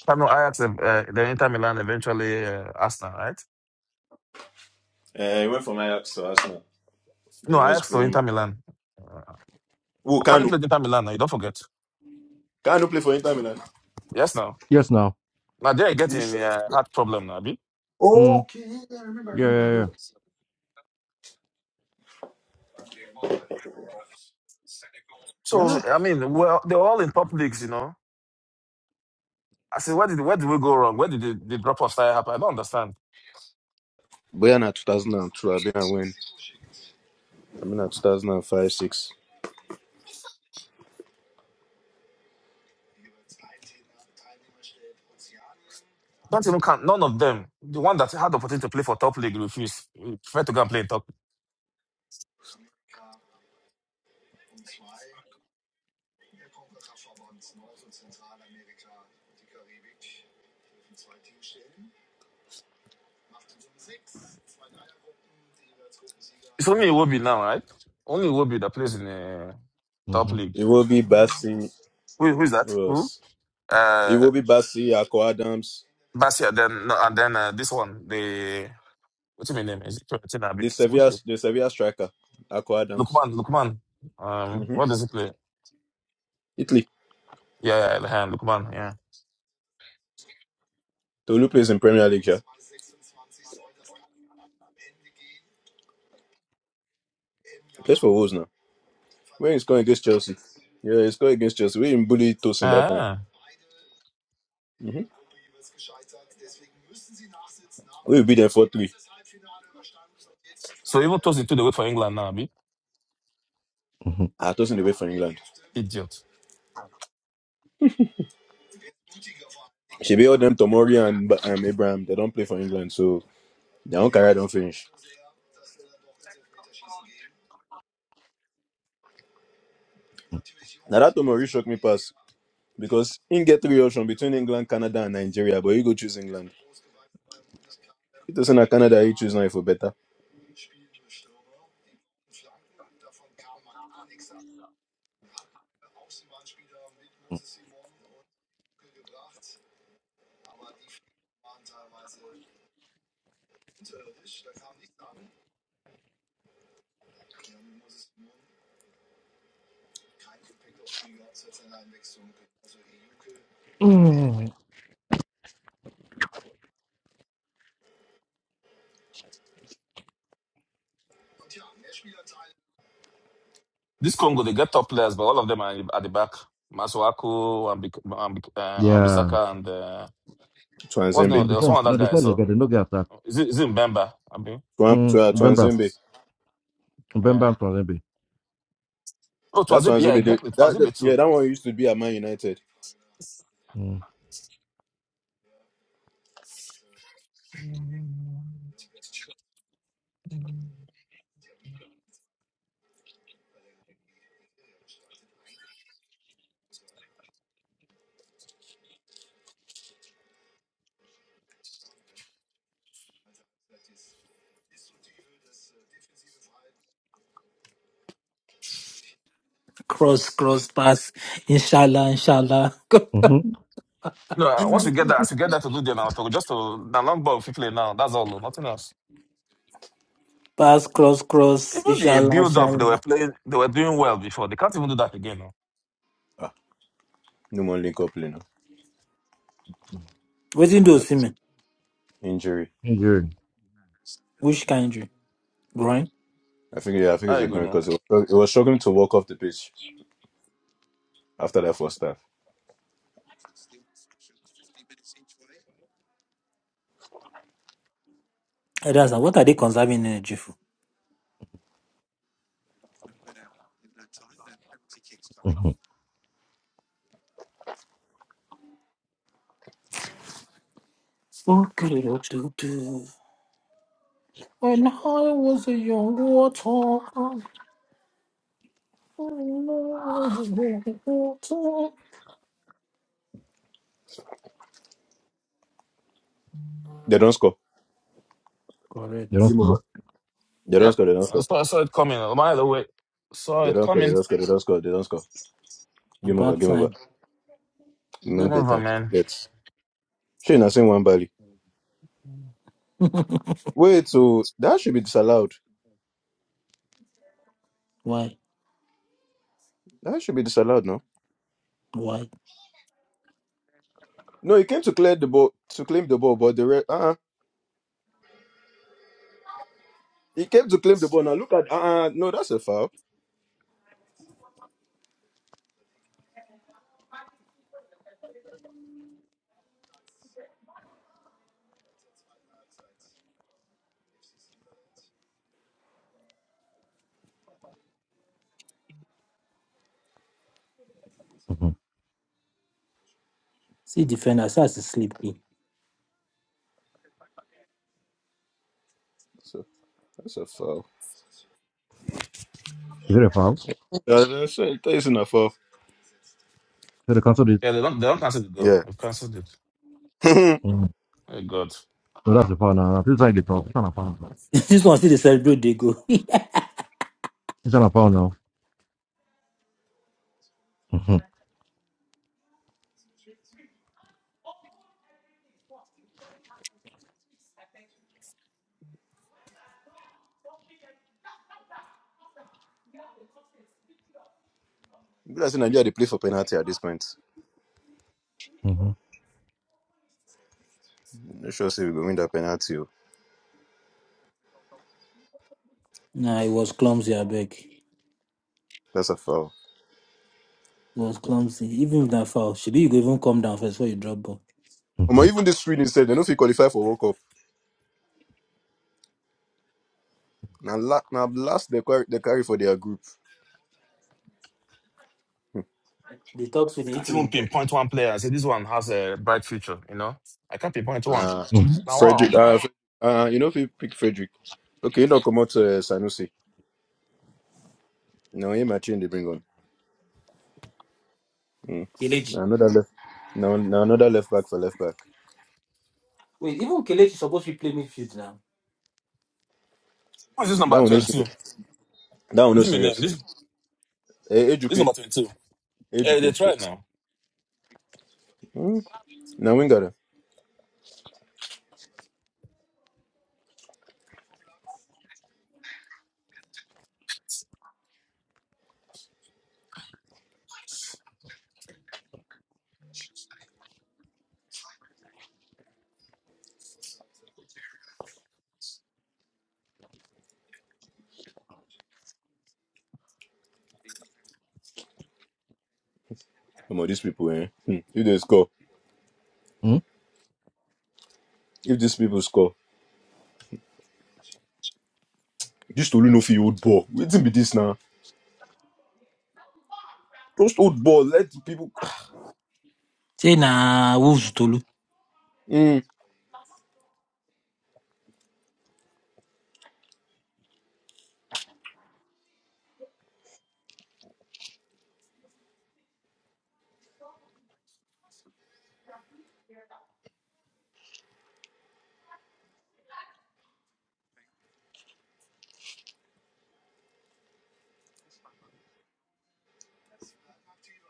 [SPEAKER 3] Kanu, Ajax, uh, uh, then Inter Milan, eventually uh, Arsenal, right?
[SPEAKER 1] Uh, he went from Ajax to Arsenal,
[SPEAKER 3] No,
[SPEAKER 1] then West
[SPEAKER 3] Ajax to
[SPEAKER 1] Brom.
[SPEAKER 3] Inter Milan. Uh,
[SPEAKER 1] Oh,
[SPEAKER 3] Kanu
[SPEAKER 1] Kanu.
[SPEAKER 3] played Inter Milan, now, you don't forget.
[SPEAKER 1] Kanu play for Inter Milan.
[SPEAKER 3] Yes, now.
[SPEAKER 2] Yes, now.
[SPEAKER 3] Now they're
[SPEAKER 1] Are You
[SPEAKER 3] getting
[SPEAKER 1] sure?
[SPEAKER 3] uh, heart problem, now, Abi.
[SPEAKER 2] うん。Yeah, yeah,
[SPEAKER 3] So
[SPEAKER 1] Ah,
[SPEAKER 3] I mean, well, they're all in top leagues, you know. I said, where did where did we go wrong? Where did the, the drop off style happen? I don't understand.
[SPEAKER 1] Boyan at 2002, I've when? I mean at 2005, 6.
[SPEAKER 3] Can't even count none of them. The one that had the opportunity to play for top league refused. He preferred to go and play in top. It's only Iwobi now, right? Only Iwobi that plays in the top
[SPEAKER 2] うんうんうん
[SPEAKER 3] league.
[SPEAKER 1] It will be Bassi.
[SPEAKER 3] Who who is that?
[SPEAKER 1] Who
[SPEAKER 3] Who?
[SPEAKER 1] else? It
[SPEAKER 3] Uh,
[SPEAKER 1] will be Bassi, Akko Adams,
[SPEAKER 3] Basia. Then no, and then uh, this one. The what's his name? Is it Fiorentina? Abi?
[SPEAKER 1] the Sevilla,
[SPEAKER 3] Okay.
[SPEAKER 1] the Sevilla striker, Akko Adams.
[SPEAKER 3] Lukman. Lukman. Um,
[SPEAKER 1] hmm
[SPEAKER 3] what does he play?
[SPEAKER 1] Italy.
[SPEAKER 3] Yeah, yeah, Lukman. Yeah.
[SPEAKER 1] Tolu plays in Premier League, yeah. He plays for Wolves now. When he scored against Chelsea. Yeah, he scored against Chelsea. We didn't bully Tosin that time.
[SPEAKER 3] Ah.
[SPEAKER 1] Mhm. We will be there for three.
[SPEAKER 3] So even those two, they wait for England now, abi.
[SPEAKER 1] Ah, tossing away for England.
[SPEAKER 3] Idiot.
[SPEAKER 1] She be all them Tomori and Ba- um, Abraham. They don't play for England, so they don't carry don't finish. Now that Tomori shook me pass because in get three options between England, Canada, and Nigeria, but you go choose England. It doesn't na Canada, He choose now for better.
[SPEAKER 3] This Congo, they get top players, but all of them are at the back. Masuaku, and Bik- and uh, and
[SPEAKER 2] yeah. うん。Yeah.
[SPEAKER 3] Bissaka, and uh, what's the name?
[SPEAKER 1] Twanzembe,
[SPEAKER 2] And
[SPEAKER 3] There was
[SPEAKER 2] before,
[SPEAKER 3] one
[SPEAKER 2] now
[SPEAKER 3] other guy.
[SPEAKER 2] before they
[SPEAKER 3] So
[SPEAKER 2] got a look at that.
[SPEAKER 3] is it is it Mbemba? I mean,
[SPEAKER 1] Twan Twa-
[SPEAKER 3] yeah,
[SPEAKER 2] うん。Remember.
[SPEAKER 1] Twanzembe.
[SPEAKER 3] yeah.
[SPEAKER 2] Remember from them.
[SPEAKER 3] Oh,
[SPEAKER 1] That
[SPEAKER 3] Twanzebe, yeah,
[SPEAKER 1] Twanzembe, they-
[SPEAKER 3] exactly.
[SPEAKER 1] that, that
[SPEAKER 3] Twanzebe
[SPEAKER 1] yeah,
[SPEAKER 3] too.
[SPEAKER 1] that
[SPEAKER 3] Yeah.
[SPEAKER 1] one used to be at Man United.
[SPEAKER 2] うん
[SPEAKER 4] Cross, cross, pass. Inshallah, inshallah.
[SPEAKER 2] Mhm.
[SPEAKER 3] No, uh, once we get that, as we get that to do them, I'll just to the long ball quickly now. That's all. oh, Nothing else.
[SPEAKER 4] Pass, cross, cross.
[SPEAKER 3] Even the
[SPEAKER 4] Inshallah,
[SPEAKER 3] build up, they were
[SPEAKER 4] inshallah.
[SPEAKER 3] playing, they were doing well before. They can't even do that again. Now.
[SPEAKER 1] Ah, no more link up, you
[SPEAKER 4] Waiting do
[SPEAKER 1] know.
[SPEAKER 4] Simon.
[SPEAKER 1] Injury.
[SPEAKER 2] Yeah.
[SPEAKER 4] Which kind you? Groin?
[SPEAKER 1] I think yeah, I think it's
[SPEAKER 3] There
[SPEAKER 1] a
[SPEAKER 3] you go. Now.
[SPEAKER 1] because it was, it was struggling to walk off the pitch after that first half.
[SPEAKER 4] Eh, That's what are they conserving energy for?
[SPEAKER 2] Mhm.
[SPEAKER 4] Okay, okay, okay. When I was a young water, I was a young water.
[SPEAKER 1] They don't score.
[SPEAKER 2] You don't
[SPEAKER 4] Correct.
[SPEAKER 1] Game
[SPEAKER 2] know.
[SPEAKER 1] over. They don't
[SPEAKER 3] Yep.
[SPEAKER 1] score. They don't
[SPEAKER 3] I
[SPEAKER 1] score.
[SPEAKER 3] saw, I saw it coming. oh, By the way, saw
[SPEAKER 1] They
[SPEAKER 3] it
[SPEAKER 1] don't score. They
[SPEAKER 3] coming.
[SPEAKER 1] don't score. They don't score. They don't score. Game over.
[SPEAKER 4] About
[SPEAKER 1] Game over.
[SPEAKER 4] time.
[SPEAKER 1] No
[SPEAKER 3] Game
[SPEAKER 1] get
[SPEAKER 3] over,
[SPEAKER 1] time.
[SPEAKER 3] man.
[SPEAKER 1] Get. She not saying one bally. Wait, so that should be disallowed.
[SPEAKER 4] Why?
[SPEAKER 1] That should be disallowed now.
[SPEAKER 4] Why?
[SPEAKER 1] No, he came to clear the ball to claim the ball, but the re- uh uh he came to claim the ball. Now look at uh uh no, that's a foul.
[SPEAKER 2] Mhm.
[SPEAKER 4] See defender, see as sleep. eh.
[SPEAKER 1] That's a, that's a foul.
[SPEAKER 2] You get a foul. So
[SPEAKER 1] Yeah, that's a, that's a foul.
[SPEAKER 2] the council did.
[SPEAKER 3] Yeah, they don't. They don't cancel it though.
[SPEAKER 1] Yeah.
[SPEAKER 3] They've cancelled it.
[SPEAKER 2] Mhm.
[SPEAKER 3] Oh God,
[SPEAKER 2] No, that's the foul now. This is like the foul. It's not a foul. now.
[SPEAKER 4] this one see they celebrate they go.
[SPEAKER 2] It's not a foul now. Mhm.
[SPEAKER 1] That's in Nigeria. They play for penalty at this point.
[SPEAKER 2] Mhm.
[SPEAKER 1] Not sure if we go win that penalty. oh.
[SPEAKER 4] nah, it was clumsy, I beg. It
[SPEAKER 1] That's a foul.
[SPEAKER 4] was clumsy. Even with that foul, should be you go even come down first before you drop ball.
[SPEAKER 1] Omo,
[SPEAKER 2] Mhm.
[SPEAKER 1] even this Sweden said they don't fit qualify for World Cup. Now, la- now last they carry, they carry for their group.
[SPEAKER 4] They talk to the
[SPEAKER 3] I can't
[SPEAKER 4] Italy
[SPEAKER 3] even
[SPEAKER 4] bro.
[SPEAKER 3] pinpoint one player. I say this one has a bright future. You know, I can't pinpoint one.
[SPEAKER 1] Uh,
[SPEAKER 2] Mhm.
[SPEAKER 3] Now,
[SPEAKER 1] Frederick,
[SPEAKER 3] wow,
[SPEAKER 1] uh, Fre- uh, you know if you pick Frederick, okay, you don't come out uh, Sanusi. Now him and they bring on. Mm. Now
[SPEAKER 4] Kelechi.
[SPEAKER 1] another left, now, now another left back for left back.
[SPEAKER 4] Wait, even Kelechi supposed to be playing midfield now.
[SPEAKER 3] what's this number
[SPEAKER 1] That one no
[SPEAKER 3] twenty-two?
[SPEAKER 1] serious. That one
[SPEAKER 3] What
[SPEAKER 1] no
[SPEAKER 3] do you mean? eh?
[SPEAKER 1] serious.
[SPEAKER 3] This
[SPEAKER 1] Hey,
[SPEAKER 3] this
[SPEAKER 1] educate,
[SPEAKER 3] number twenty-two. Hey,
[SPEAKER 1] educate,
[SPEAKER 3] they try
[SPEAKER 1] educate.
[SPEAKER 3] now.
[SPEAKER 1] Mm. Now we got Come on, these people, eh? Hmm. If they score, if these people score, this Tolu no fit old ball. Waiting be this now. Just old ball. Let the people.
[SPEAKER 4] Say na Wolves Tolu.
[SPEAKER 1] Mm.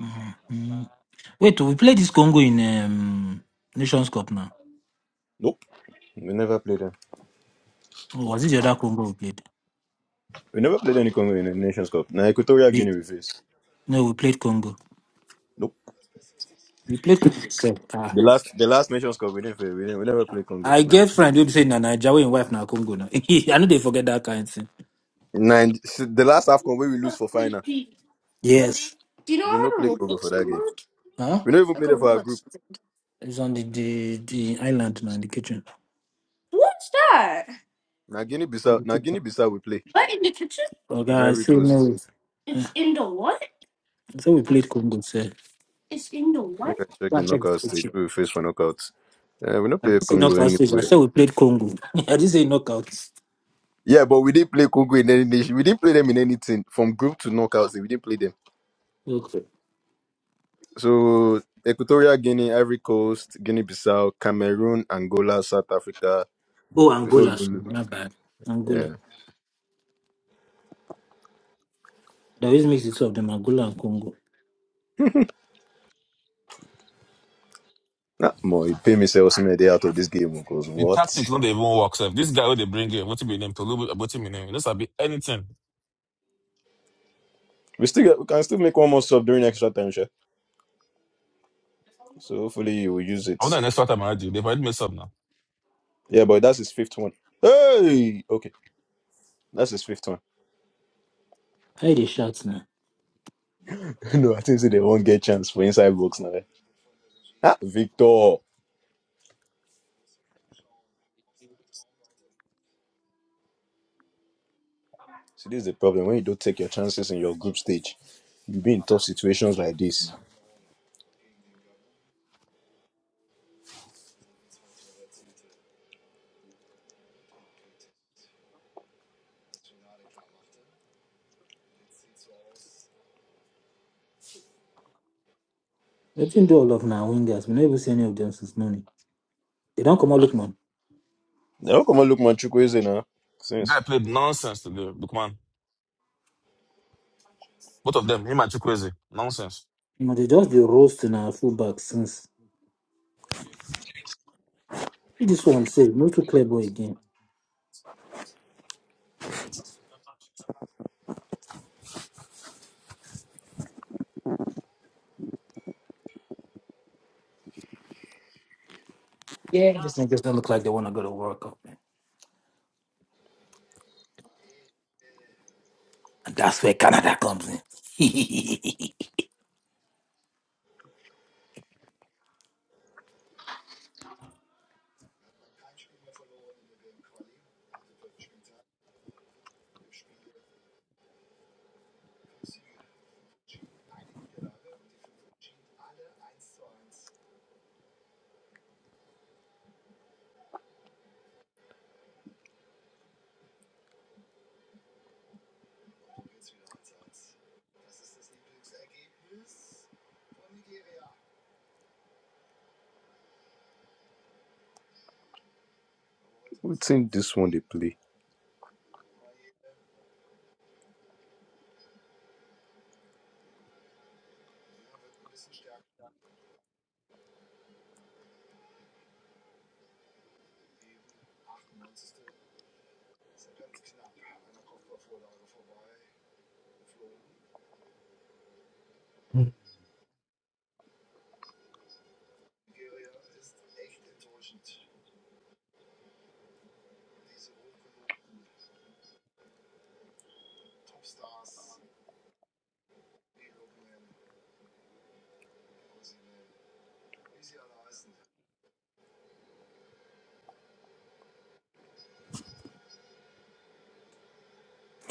[SPEAKER 4] Mm-hmm. Wait, we played this Congo in um, Nations Cup now.
[SPEAKER 1] We never played them.
[SPEAKER 4] Or was it the other Congo we played?
[SPEAKER 1] We never played any Congo in the Nations Cup. Now Equatorial
[SPEAKER 4] We
[SPEAKER 1] Guinea we face.
[SPEAKER 4] no, we played Congo.
[SPEAKER 1] Nope.
[SPEAKER 4] We played Congo. sef. Ah.
[SPEAKER 1] The last the last Nations Cup we didn't play. We didn't we never played Congo.
[SPEAKER 4] I
[SPEAKER 1] No.
[SPEAKER 4] get friend who be say na Nigeria, wey im wife na Congo now. I know they forget that kind thing.
[SPEAKER 1] Nine the last AFCON where we lose for final.
[SPEAKER 4] Yes. Do you know
[SPEAKER 1] We
[SPEAKER 4] I
[SPEAKER 1] no
[SPEAKER 4] had
[SPEAKER 1] play
[SPEAKER 4] a
[SPEAKER 1] Congo for
[SPEAKER 4] Rubik's
[SPEAKER 1] that game.
[SPEAKER 4] cube? Huh?
[SPEAKER 1] We don't even
[SPEAKER 4] Like
[SPEAKER 1] play
[SPEAKER 4] a
[SPEAKER 1] there for our
[SPEAKER 4] Rubik's
[SPEAKER 1] group.
[SPEAKER 4] cube. It's on the, the, the island now in the kitchen. What's that?
[SPEAKER 1] Now Guinea
[SPEAKER 4] In
[SPEAKER 1] Bissau
[SPEAKER 4] the
[SPEAKER 1] now
[SPEAKER 4] kitchen.
[SPEAKER 1] Guinea Bissau we play.
[SPEAKER 4] What in the kitchen? Okay,
[SPEAKER 1] And
[SPEAKER 4] I
[SPEAKER 1] Ivory
[SPEAKER 4] say no.
[SPEAKER 1] Coast.
[SPEAKER 4] Eh, It's Yeah. in the what? I said we played Congo, sir. It's in the what?
[SPEAKER 1] Make I check the knockout stage. Who we face for knockouts. Yeah, we don't
[SPEAKER 4] I
[SPEAKER 1] play
[SPEAKER 4] didn't say
[SPEAKER 1] Congo
[SPEAKER 4] knockout stage. I
[SPEAKER 1] anywhere.
[SPEAKER 4] said we played Congo. I didn't say knockouts.
[SPEAKER 1] Yeah, but we didn't play Congo in any nation. We didn't play them in anything. From group to knockouts, we didn't play them.
[SPEAKER 4] Okay.
[SPEAKER 1] So Equatorial Guinea, Ivory Coast, Guinea-Bissau, Cameroon, Angola, South Africa.
[SPEAKER 4] Oh,
[SPEAKER 1] Before we
[SPEAKER 4] Angola.
[SPEAKER 1] go,
[SPEAKER 4] sorry,
[SPEAKER 1] look.
[SPEAKER 4] My bad. Angola.
[SPEAKER 1] yeah.
[SPEAKER 4] They always mix the two of them, Angola and Congo.
[SPEAKER 1] Nah, Mo, you pay me say Osimhen dey out of this game because
[SPEAKER 3] The tactics
[SPEAKER 1] what?
[SPEAKER 3] do not even work. Sir. This guy who they bring in, what you mean? Tolu, what you mean? eh? This will be anything.
[SPEAKER 1] We still get, we can still make one more sub during extra time, sure. So hopefully you will use it.
[SPEAKER 3] I want an extra time I do. They've already messed up now.
[SPEAKER 1] Yeah, but that's his fifth one. Hey, okay, that's his fifth one.
[SPEAKER 4] How they shout now?
[SPEAKER 1] no, I think say they won't get chance for inside box now. eh. Ah, Victor. See, this is the problem when you don't take your chances in your group stage. You be in tough situations like this.
[SPEAKER 4] They didn't do all of now wingers. We never see any of them since morning. They don't come out look man.
[SPEAKER 1] Now, come on, look, man, Chukwueze
[SPEAKER 3] The
[SPEAKER 1] now.
[SPEAKER 3] guy played nonsense to the Bookman. Both of them, him and Chukwueze, nonsense.
[SPEAKER 4] You know, they just they roast in our fullback since See this one said no to clear boy again. Yeah, these niggas don't look like they wanna go to World Cup, man. And that's where Canada comes in.
[SPEAKER 1] Wetin this one dey play?
[SPEAKER 2] Mhm.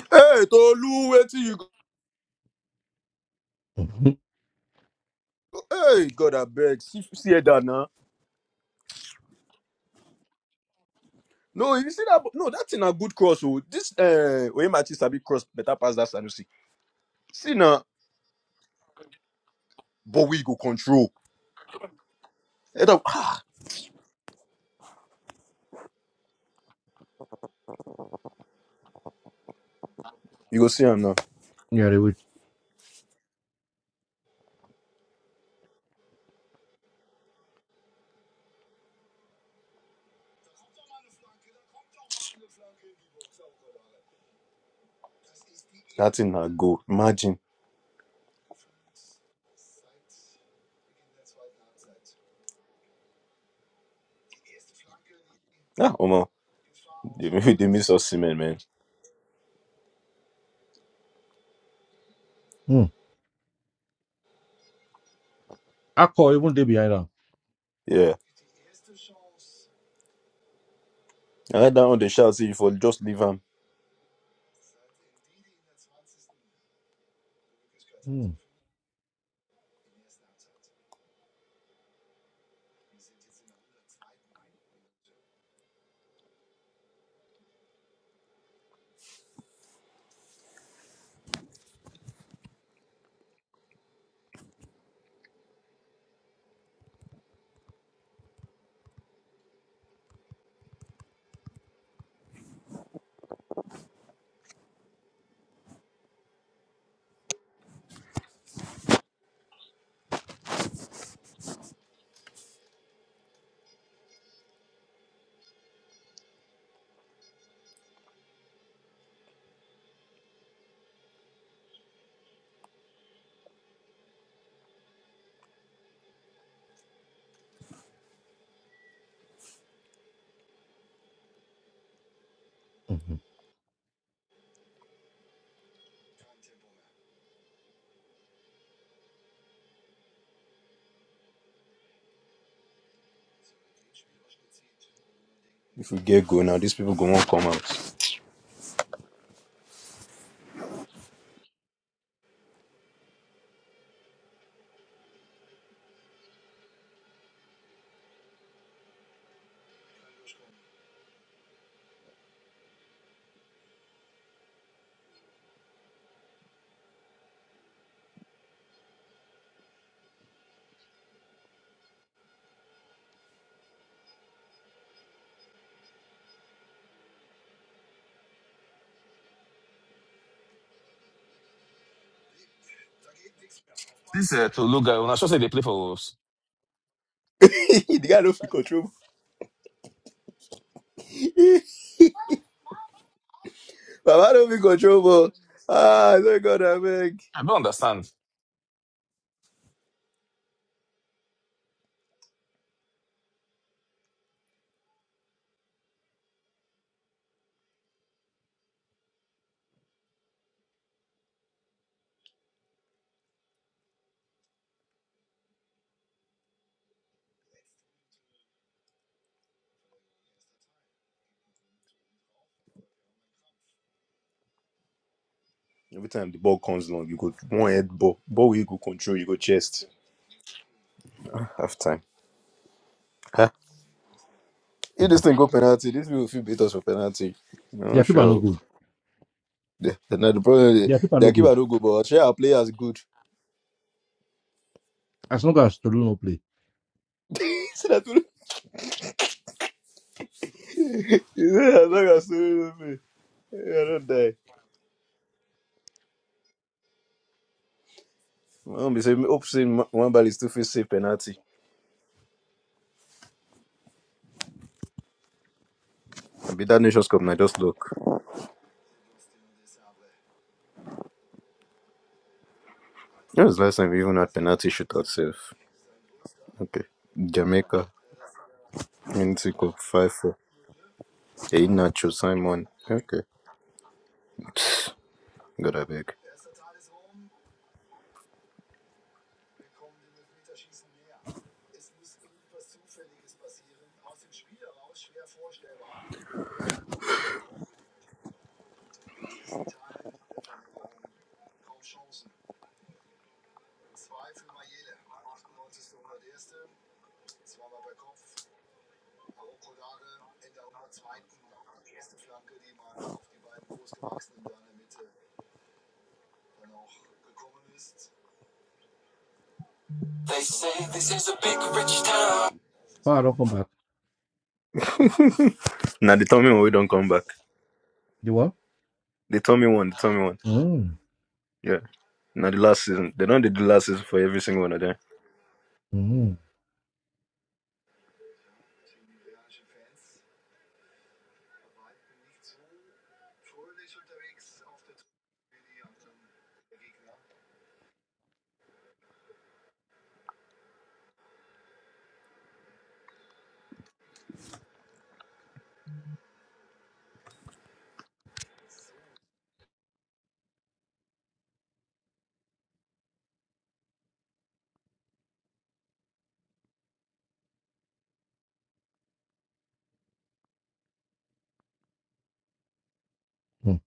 [SPEAKER 1] Hey Tolu, wetin you go?
[SPEAKER 2] Mhm.
[SPEAKER 1] Hey God abeg, see see that now. No, if you see that, no, that thing a good cross. Oh, this uh, Oyemachi sabi cross better pass that Sanusi. See now, but we go control. Head up, ah, you go see am now.
[SPEAKER 2] Yeah, they would.
[SPEAKER 1] That thing na go. Imagine, ah, Omo, they, they miss us, man, man.
[SPEAKER 2] Mm. Accor even day behind am.
[SPEAKER 1] Yeah, I had that on the shout. See, if we just leave him,
[SPEAKER 2] Mm. Mm-hmm,
[SPEAKER 1] if we get go now, these people go won't come out.
[SPEAKER 3] This uh, Tolu guy, when I should say they play for Wolves.
[SPEAKER 1] the guy don't feel control. Baba don't feel control. ball. Ah, thank God, abeg.
[SPEAKER 3] I don't understand.
[SPEAKER 1] Every time the ball comes long, you go one head ball. Ball where you go control, you go chest. Half time. huh? If
[SPEAKER 2] mm-hmm.
[SPEAKER 1] this thing go penalty, this will feel beat us for penalty. I'm
[SPEAKER 2] Their
[SPEAKER 1] not
[SPEAKER 2] keeper no
[SPEAKER 1] sure.
[SPEAKER 2] good.
[SPEAKER 1] The, the, now the problem is
[SPEAKER 2] Their keeper
[SPEAKER 1] their
[SPEAKER 2] no
[SPEAKER 1] keeper
[SPEAKER 2] good.
[SPEAKER 1] don't go, but share our players good.
[SPEAKER 2] As long as Tolu no play,
[SPEAKER 1] so that we- you know, as long as we do I don't die. My own be say, me hope say Ma- one ball is still fit save penalty. And be that Nations Cup, now just look. When was the last time we even had penalty shootout save? Okay. Jamaica, Mexico, 5 4. Hey, Nacho, Simon. Okay. God, I beg.
[SPEAKER 2] Power don't come back.
[SPEAKER 1] Now they tell me when we don't come back.
[SPEAKER 2] The what?
[SPEAKER 1] They tell me one. They tell me one.
[SPEAKER 2] Mm.
[SPEAKER 1] Yeah. Now the last season. They don't do the last season for every single one of them.
[SPEAKER 2] Mm. Mm.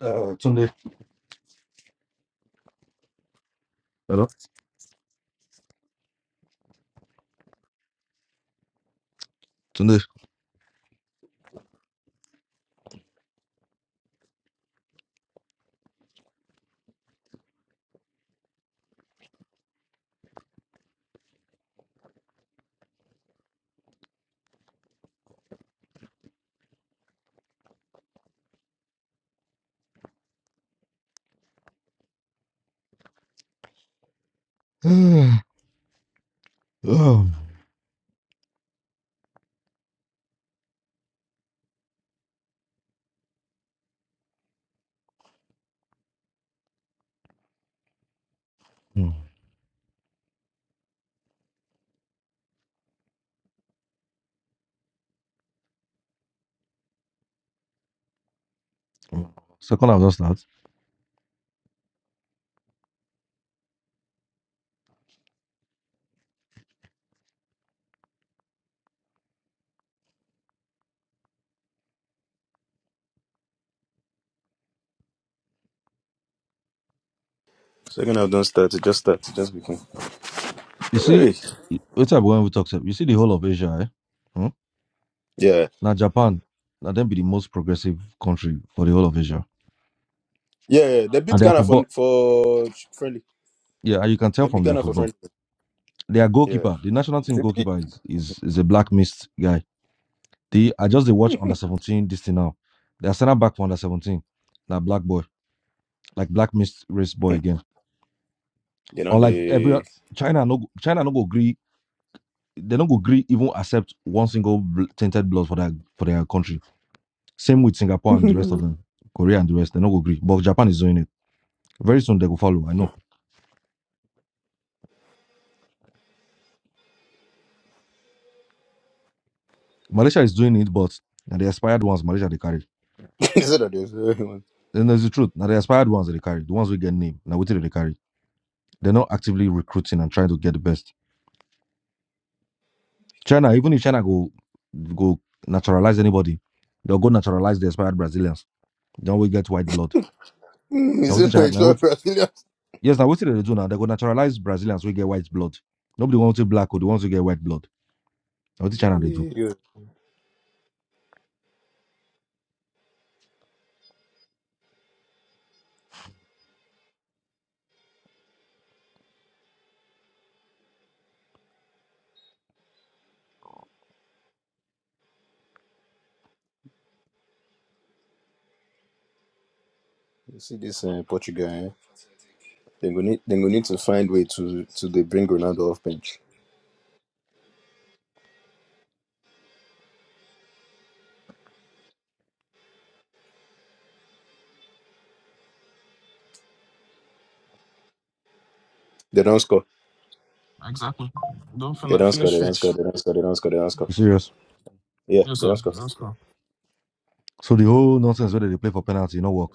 [SPEAKER 2] Uh, Tunde. Hello. Tunde. um, mm. Mm. Second half just that.
[SPEAKER 1] Second half don't start. It just start. It just begin.
[SPEAKER 2] You see,
[SPEAKER 1] Hey.
[SPEAKER 2] what I when we talk sef, You see the whole of Asia. Eh? Hmm?
[SPEAKER 1] Yeah.
[SPEAKER 2] Now Japan, now them be the most progressive country for the whole of Asia.
[SPEAKER 1] Yeah. yeah. They
[SPEAKER 2] And
[SPEAKER 1] beat
[SPEAKER 2] their
[SPEAKER 1] Ghana for
[SPEAKER 2] football,
[SPEAKER 1] for friendly.
[SPEAKER 2] yeah, and you can tell
[SPEAKER 1] They beat
[SPEAKER 2] from their
[SPEAKER 1] Ghana for
[SPEAKER 2] football.
[SPEAKER 1] friendly.
[SPEAKER 2] Their
[SPEAKER 1] Yeah.
[SPEAKER 2] goalkeeper, the national team goalkeeper is is, is a black mist guy. The I just they watch under seventeen this thing now. They are sending back for under seventeen. Like black boy, like black mixed race boy again.
[SPEAKER 1] They don't they.
[SPEAKER 2] Unlike every China no China no go agree. They don't go agree even accept one single bl- tainted blood for their for their country. Same with Singapore
[SPEAKER 1] Is
[SPEAKER 2] and the rest of them, Korea and the rest. They don't go agree. But Japan is doing it. Very soon they go follow. I know. Malaysia is doing it, but now the expired ones Malaysia they carry.
[SPEAKER 1] it that there's everyone?
[SPEAKER 2] Then there's the truth. Now the expired ones that they carry, the ones we get name. Now we tell they carry. They're not actively recruiting and trying to get the best. China, even if China go go naturalize anybody, they'll go naturalize the expired Brazilians. Then we get white blood.
[SPEAKER 1] Hmm,
[SPEAKER 2] Now
[SPEAKER 1] Is
[SPEAKER 2] what
[SPEAKER 1] it my
[SPEAKER 2] China, now
[SPEAKER 1] extra
[SPEAKER 2] what,
[SPEAKER 1] Brazilians?
[SPEAKER 2] yes, now what they do now? They go naturalize Brazilians, we get white blood. Nobody wants to black or they want to get white blood. Now what China they do?
[SPEAKER 1] You you see this uh, Portugal? Eh? They go need. They go need to find way to to they bring Ronaldo off bench. They don't score.
[SPEAKER 3] Exactly. Don't
[SPEAKER 1] They
[SPEAKER 3] fin-
[SPEAKER 1] don't score.
[SPEAKER 3] finish,
[SPEAKER 1] They don't score.
[SPEAKER 3] finish.
[SPEAKER 1] They don't score. They don't score. They don't score.
[SPEAKER 2] You serious?
[SPEAKER 1] Yeah,
[SPEAKER 3] Yes,
[SPEAKER 1] they
[SPEAKER 3] sir.
[SPEAKER 1] don't score.
[SPEAKER 2] So the whole nonsense whether they play for penalty, no work.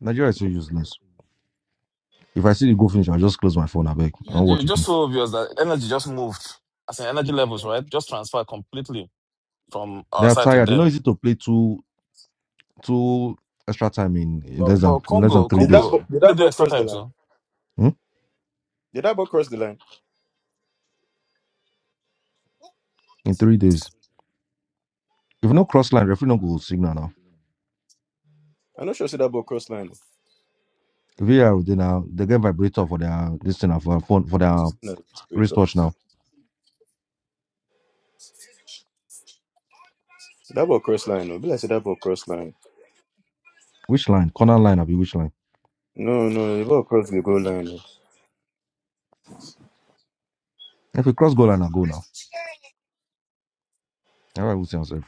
[SPEAKER 2] Nigeria is so useless. If I see the goal finish, I'll just close my phone. I beg. I
[SPEAKER 3] Yeah,
[SPEAKER 2] don't
[SPEAKER 3] ju-
[SPEAKER 2] watch it.
[SPEAKER 3] just so obvious that energy just moved. As in energy levels, right? Just transferred completely from
[SPEAKER 2] They
[SPEAKER 3] our
[SPEAKER 2] are
[SPEAKER 3] side to
[SPEAKER 2] tired. You know,
[SPEAKER 3] them.
[SPEAKER 2] it's easy to play two two extra time in, in
[SPEAKER 3] But
[SPEAKER 2] less than
[SPEAKER 3] but
[SPEAKER 2] in less than
[SPEAKER 3] Congo,
[SPEAKER 2] three
[SPEAKER 1] Did
[SPEAKER 2] days.
[SPEAKER 1] that
[SPEAKER 3] Congo,
[SPEAKER 1] ball?
[SPEAKER 3] did
[SPEAKER 1] Did
[SPEAKER 3] they
[SPEAKER 1] that
[SPEAKER 3] do
[SPEAKER 1] ball
[SPEAKER 3] extra
[SPEAKER 1] cross the
[SPEAKER 3] time
[SPEAKER 1] line?
[SPEAKER 3] too?
[SPEAKER 2] Hmm?
[SPEAKER 1] Did that ball cross the line?
[SPEAKER 2] In three days. If no cross line, referee no go signal now.
[SPEAKER 1] I'm not sure. See that ball cross line.
[SPEAKER 2] VR, they now they get vibrator for their this thing now, for their phone for their
[SPEAKER 1] It's kind of great though.
[SPEAKER 2] wristwatch now.
[SPEAKER 1] That ball cross line. No, be like say that ball cross line.
[SPEAKER 2] Which line? Corner line, I be which line?
[SPEAKER 1] No, no, the ball cross the goal line. No.
[SPEAKER 2] If we cross goal line, I go now. Everybody will see yourself.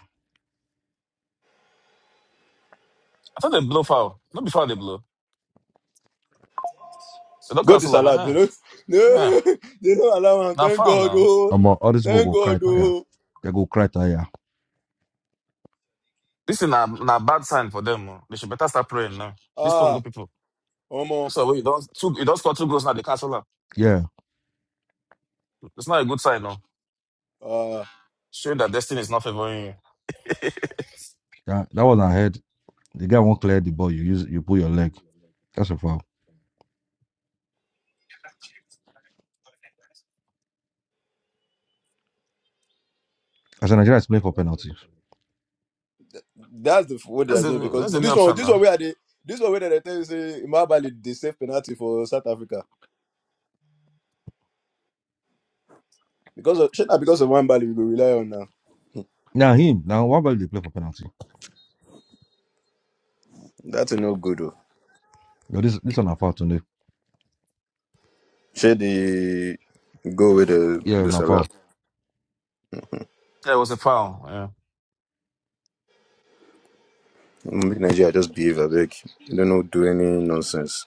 [SPEAKER 3] I thought they blow foul. Not before they blow. They don't
[SPEAKER 1] Go
[SPEAKER 3] cancel them,
[SPEAKER 1] disallowed. You
[SPEAKER 3] huh?
[SPEAKER 1] know,
[SPEAKER 3] Yeah.
[SPEAKER 1] no, they don't allow him.
[SPEAKER 3] Now
[SPEAKER 1] Thank
[SPEAKER 3] foul
[SPEAKER 1] God.
[SPEAKER 3] now.
[SPEAKER 1] Oh,
[SPEAKER 2] Um, all this ball
[SPEAKER 1] thank
[SPEAKER 2] go
[SPEAKER 1] God.
[SPEAKER 2] cry tire.
[SPEAKER 1] Oh,
[SPEAKER 2] They go cry tire.
[SPEAKER 3] This is a, a bad sign for them. oh. They should better start praying now. These Congo
[SPEAKER 1] ah,
[SPEAKER 3] people.
[SPEAKER 1] Omo.
[SPEAKER 3] So we don't two you don't score two goals now, they cancel them.
[SPEAKER 2] Yeah,
[SPEAKER 3] It's not a good sign now.
[SPEAKER 1] Ah,
[SPEAKER 3] Showing that destiny is not favoring you.
[SPEAKER 2] yeah. That was our head. The guy won't clear the ball. You use you pull your leg. That's a foul. As a Nigerian, is playing for penalty.
[SPEAKER 1] that's the what they
[SPEAKER 3] That's
[SPEAKER 1] are doing
[SPEAKER 3] the
[SPEAKER 1] because
[SPEAKER 3] that's the new
[SPEAKER 1] this one,
[SPEAKER 3] option
[SPEAKER 1] this one
[SPEAKER 3] now.
[SPEAKER 1] where they, this one where they tell you say Imabali they save penalty for South Africa. Because of shit, because of one bally we go rely on now.
[SPEAKER 2] Now him. Now why about they play for penalty?
[SPEAKER 1] That's a no good. though.
[SPEAKER 2] Yo, this this one a foul today.
[SPEAKER 1] Shit, the go with the
[SPEAKER 2] Yeah,
[SPEAKER 1] the
[SPEAKER 2] na
[SPEAKER 1] Salah.
[SPEAKER 2] foul.
[SPEAKER 3] Yeah, it was a foul. yeah.
[SPEAKER 1] Make Nigeria just behave a bit. They don't do any nonsense.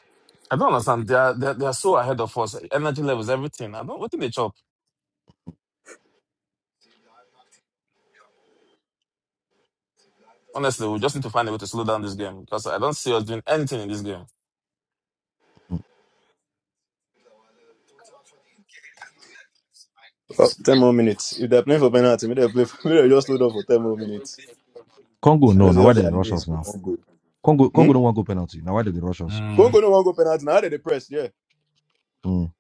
[SPEAKER 3] I don't understand. They are they are, they are so ahead of us. Energy levels, everything. I don't. What do they chop? Honestly, we just need to find a way to slow down this game because I don't see us doing anything in this game.
[SPEAKER 1] Oh, 10 more minutes. If they're playing for penalty, maybe they play. For, Maybe they just hold on for ten more minutes.
[SPEAKER 2] Congo
[SPEAKER 1] and
[SPEAKER 2] no.
[SPEAKER 1] know they
[SPEAKER 2] Now why
[SPEAKER 1] all
[SPEAKER 2] they
[SPEAKER 1] their
[SPEAKER 2] rush
[SPEAKER 1] names
[SPEAKER 2] us
[SPEAKER 1] go
[SPEAKER 2] now?
[SPEAKER 1] won't go.
[SPEAKER 2] Congo
[SPEAKER 1] Hmm?
[SPEAKER 2] Congo don't want go penalty. Now why they rush us?
[SPEAKER 3] Mm.
[SPEAKER 1] Congo no one go penalty. Now they dey press. Yeah,
[SPEAKER 2] Mm.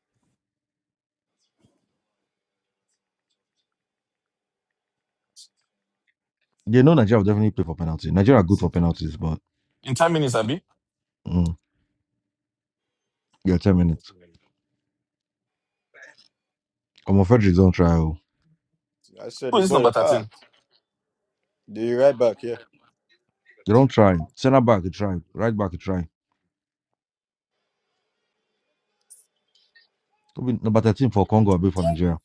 [SPEAKER 2] They know Nigeria will definitely play for penalty. Nigeria are good for penalties, but
[SPEAKER 3] In ten minutes, Abi,
[SPEAKER 2] Mm. Yeah, 10 minutes. I'm afraid they don't try. oh.
[SPEAKER 1] I said
[SPEAKER 3] who
[SPEAKER 1] the
[SPEAKER 3] is this
[SPEAKER 1] boy.
[SPEAKER 3] number
[SPEAKER 1] Ah,
[SPEAKER 3] thirteen
[SPEAKER 1] the right back. Yeah,
[SPEAKER 2] They don't try. Center back, they try. Right back, they try. Could be number 13 for Congo, a bit for Nigeria.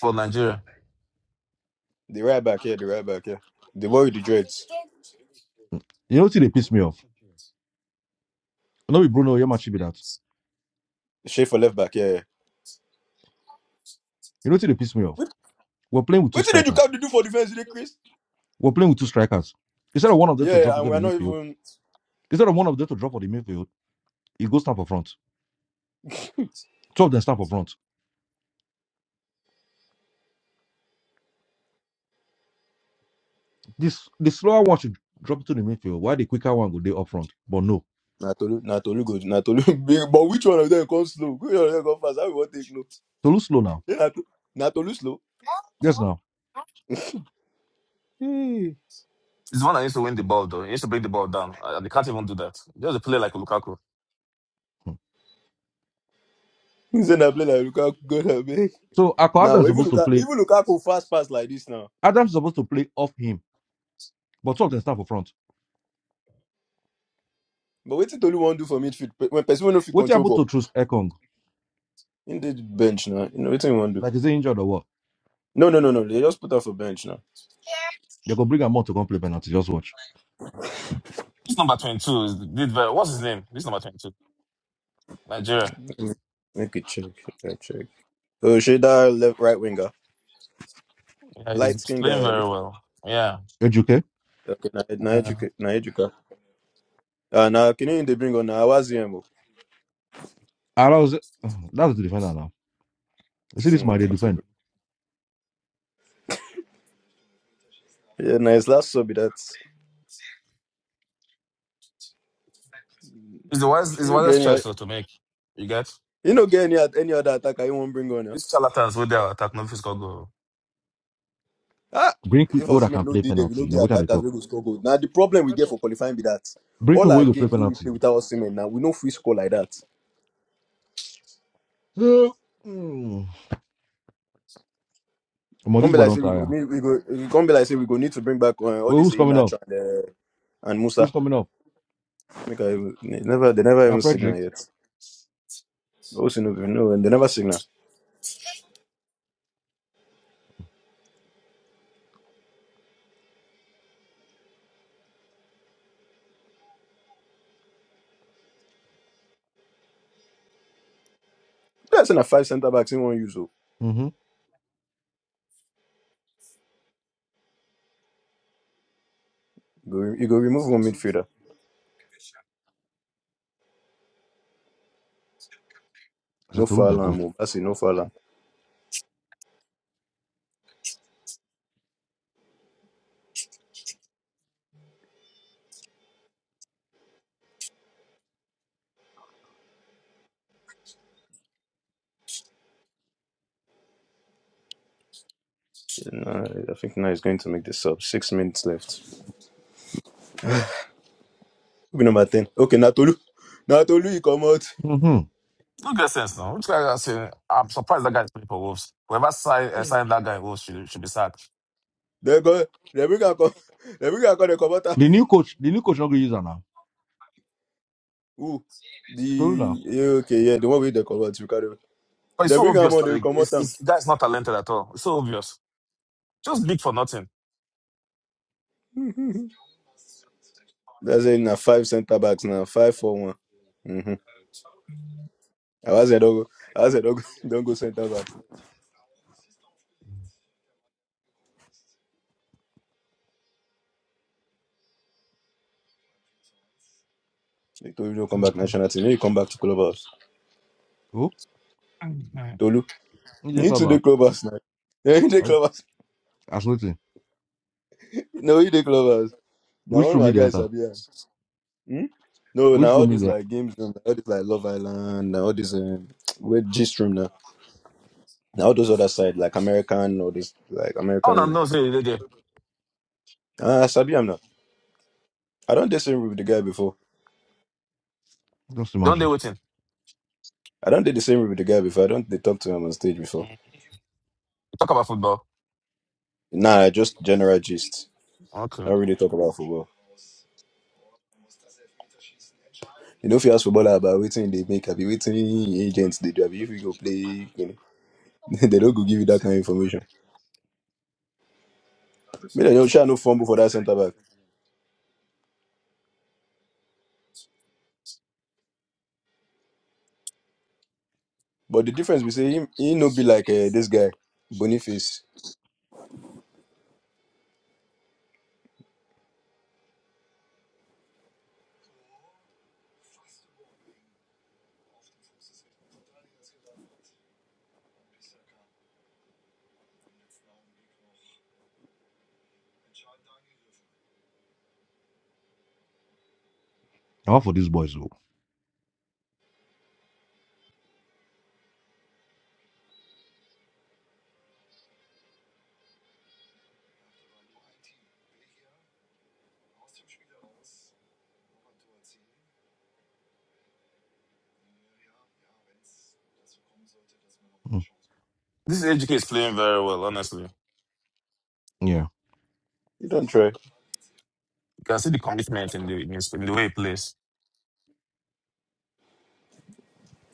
[SPEAKER 3] for Nigeria?
[SPEAKER 1] the right back. Yeah, the right back. Yeah, the boy with the dreads.
[SPEAKER 2] You know, till they piss me off. No, with Bruno, Yamachi be that.
[SPEAKER 1] Shape for left back. Yeah. yeah.
[SPEAKER 2] You know, till they piss me off.
[SPEAKER 1] What?
[SPEAKER 2] We're playing with two
[SPEAKER 1] What did you
[SPEAKER 2] strikers.
[SPEAKER 1] come to do for defense, today, Chris?
[SPEAKER 2] We're playing with two strikers. Instead of one of them to
[SPEAKER 1] Yeah,
[SPEAKER 2] drop
[SPEAKER 1] and
[SPEAKER 2] into the
[SPEAKER 1] we're not
[SPEAKER 2] midfield,
[SPEAKER 1] even.
[SPEAKER 2] instead of one of them to drop for the midfield, he goes stand for front. Two of them stand for front. This the slower one should drop into the midfield. Why the quicker one go day up front? But no.
[SPEAKER 1] Na Tolu, na Tolu go, na Tolu big. But which one of them come slow? Which one of them come fast? How we want take no?
[SPEAKER 2] To lose slow now.
[SPEAKER 1] Then Na Tolu, na Tolu slow.
[SPEAKER 2] Yes now.
[SPEAKER 1] Hmm.
[SPEAKER 3] He's the one that needs to win the ball though. He needs to bring the ball down. Uh, they can't even do that. Just a play like Lukaku.
[SPEAKER 2] Hmm.
[SPEAKER 1] He said na play like Lukaku. God I beg.
[SPEAKER 2] So Akko
[SPEAKER 1] Now
[SPEAKER 2] Adams
[SPEAKER 1] but
[SPEAKER 2] is
[SPEAKER 1] even
[SPEAKER 2] supposed to
[SPEAKER 1] Lukaku,
[SPEAKER 2] play.
[SPEAKER 1] even Lukaku fast pass like this now.
[SPEAKER 2] Adams is supposed to play off him, but two of them stand for front.
[SPEAKER 1] But what Tolu want do for midfield Pe- when person wey no fit
[SPEAKER 2] What
[SPEAKER 1] control
[SPEAKER 2] happened
[SPEAKER 1] ball?
[SPEAKER 2] to choose Ekong?
[SPEAKER 1] In the bench now. You know what he want do?
[SPEAKER 2] Like, is he injured or what?
[SPEAKER 1] No, no, no, no. They just put off a bench now.
[SPEAKER 2] They're going to bring him on to come play penalty. Just watch.
[SPEAKER 3] This number twenty-two is, did very. What's his name? This number twenty-two, Nigeria.
[SPEAKER 1] Mm. Make it check. Make check. Oh, Sheda left right winger,
[SPEAKER 3] Yeah, he's
[SPEAKER 1] light skin
[SPEAKER 3] playing
[SPEAKER 1] guy,
[SPEAKER 3] very
[SPEAKER 1] Abi.
[SPEAKER 3] well. Yeah,
[SPEAKER 2] Eduke.
[SPEAKER 1] Okay, na na Ejuka,
[SPEAKER 3] mm.
[SPEAKER 1] na educate. Ah, na Kini they bring on na Awaziem.
[SPEAKER 2] And I was, uh, that's the defender now. You see this man, they
[SPEAKER 1] Hmm.
[SPEAKER 2] defend.
[SPEAKER 1] Yeah, nice. Last sub be that.
[SPEAKER 3] he's the wise. It's the
[SPEAKER 1] You do get
[SPEAKER 3] wisest
[SPEAKER 1] any,
[SPEAKER 3] choice though, to make. You get
[SPEAKER 1] you do get any, any other attacker you won't bring on. Yeah?
[SPEAKER 3] these charlatans with their attack no fiscal goal.
[SPEAKER 1] Ah,
[SPEAKER 2] Bring
[SPEAKER 1] if
[SPEAKER 2] people that
[SPEAKER 1] Osimhen
[SPEAKER 2] can
[SPEAKER 1] no
[SPEAKER 2] play
[SPEAKER 1] did them, we no
[SPEAKER 2] penalty. Now,
[SPEAKER 1] get
[SPEAKER 2] what are they
[SPEAKER 1] attackers we
[SPEAKER 2] talk?
[SPEAKER 1] go score goal. Now the problem we get for qualifying be that
[SPEAKER 2] Bring
[SPEAKER 1] all
[SPEAKER 2] people
[SPEAKER 1] our
[SPEAKER 2] who can play
[SPEAKER 1] games wey we
[SPEAKER 2] penalty.
[SPEAKER 1] play without Osimhen now we no free score like that.
[SPEAKER 2] So, mm, come on,
[SPEAKER 1] Come
[SPEAKER 2] this
[SPEAKER 1] be
[SPEAKER 2] boy
[SPEAKER 1] like say
[SPEAKER 2] don't
[SPEAKER 1] we go
[SPEAKER 2] tire.
[SPEAKER 1] need we go we come be like say we go need to bring back uh, all
[SPEAKER 2] Well,
[SPEAKER 1] this
[SPEAKER 2] who's coming up?
[SPEAKER 1] Inacho and uh, and Musa.
[SPEAKER 2] Who's coming up?
[SPEAKER 1] Make I even- they never they never
[SPEAKER 2] That
[SPEAKER 1] even signal
[SPEAKER 2] Frederick.
[SPEAKER 1] yet. Also no no and they never signal. That's in a five centre backs in one use. oh.
[SPEAKER 2] Mm-hmm.
[SPEAKER 1] You go, you go remove one midfielder.
[SPEAKER 2] I
[SPEAKER 1] No
[SPEAKER 2] said,
[SPEAKER 1] foul
[SPEAKER 2] Toruna,
[SPEAKER 1] and
[SPEAKER 2] good.
[SPEAKER 1] move. That's No foul. No, I think now he's going to make the sub. Six minutes left. Rugby number 10. Okay, Natolu. Natolu, he come out.
[SPEAKER 2] Mm-hmm.
[SPEAKER 3] No good sense, no. Which guy is saying, I'm surprised that guy is playing for Wolves. Whoever signed, uh, signed that guy in Wolves should, should be sacked.
[SPEAKER 1] They go. They bring a come. They bring a come, they come out. am.
[SPEAKER 2] The new coach, the new coach not going to use her now.
[SPEAKER 1] Who?
[SPEAKER 2] Toruna.
[SPEAKER 1] The. yeah, Okay, yeah, the one with the come out. You carry.
[SPEAKER 3] But it's
[SPEAKER 1] They
[SPEAKER 3] so
[SPEAKER 1] bring him
[SPEAKER 3] obvious
[SPEAKER 1] out,
[SPEAKER 3] that
[SPEAKER 1] they
[SPEAKER 3] like,
[SPEAKER 1] come out.
[SPEAKER 3] it's,
[SPEAKER 1] am.
[SPEAKER 3] it's, the guy's not talented at all. It's so obvious. Just big for nothing.
[SPEAKER 1] That's it. Now five centre backs now. Five for one. Mm-hmm. I was don't go. I was don't go, don't go centre back. They told you don't come back national team. You come back to clubhouse.
[SPEAKER 2] Oh,
[SPEAKER 1] Tolu,
[SPEAKER 2] in
[SPEAKER 1] you
[SPEAKER 2] the
[SPEAKER 1] need to
[SPEAKER 2] club
[SPEAKER 1] the
[SPEAKER 2] out.
[SPEAKER 1] clubhouse now. You need the clubhouse.
[SPEAKER 2] Absolutely.
[SPEAKER 1] No, you the clubhouse. Now
[SPEAKER 2] Which
[SPEAKER 1] one of
[SPEAKER 2] room
[SPEAKER 1] my
[SPEAKER 2] he dey
[SPEAKER 1] guys are
[SPEAKER 2] enter?
[SPEAKER 1] here. Hmm? No, now
[SPEAKER 2] Which
[SPEAKER 1] all
[SPEAKER 2] room he
[SPEAKER 1] these
[SPEAKER 2] dey?
[SPEAKER 1] like games, and all this like Love Island, now all this um, where G room now, now all those other side like American all this like
[SPEAKER 3] I
[SPEAKER 1] American
[SPEAKER 3] don't
[SPEAKER 1] room.
[SPEAKER 3] know, say they there.
[SPEAKER 1] Ah, Sabi, I'm not. I don't did same room with the guy before.
[SPEAKER 2] Just
[SPEAKER 3] Don't they
[SPEAKER 2] imagine.
[SPEAKER 3] waiting?
[SPEAKER 1] I don't did the same room with the guy before. I don't they talk to him on stage before.
[SPEAKER 3] Mm. Talk about football.
[SPEAKER 1] Nah, just general gist.
[SPEAKER 3] Okay.
[SPEAKER 1] I don't really talk about football. You know, if you ask footballer about waiting, they make happy waiting agents they do. Abi, If you go play, you know, they don't go give you that kind of information. Me, they don't share no fumble for that centre back. But the difference we say him, he no be like uh, this guy Boniface.
[SPEAKER 2] I want for these boys, though. Mm,
[SPEAKER 3] This AGK is playing very well, honestly. You
[SPEAKER 2] yeah.
[SPEAKER 1] You don't try.
[SPEAKER 3] can see the commitment in the, in his- in the way he plays.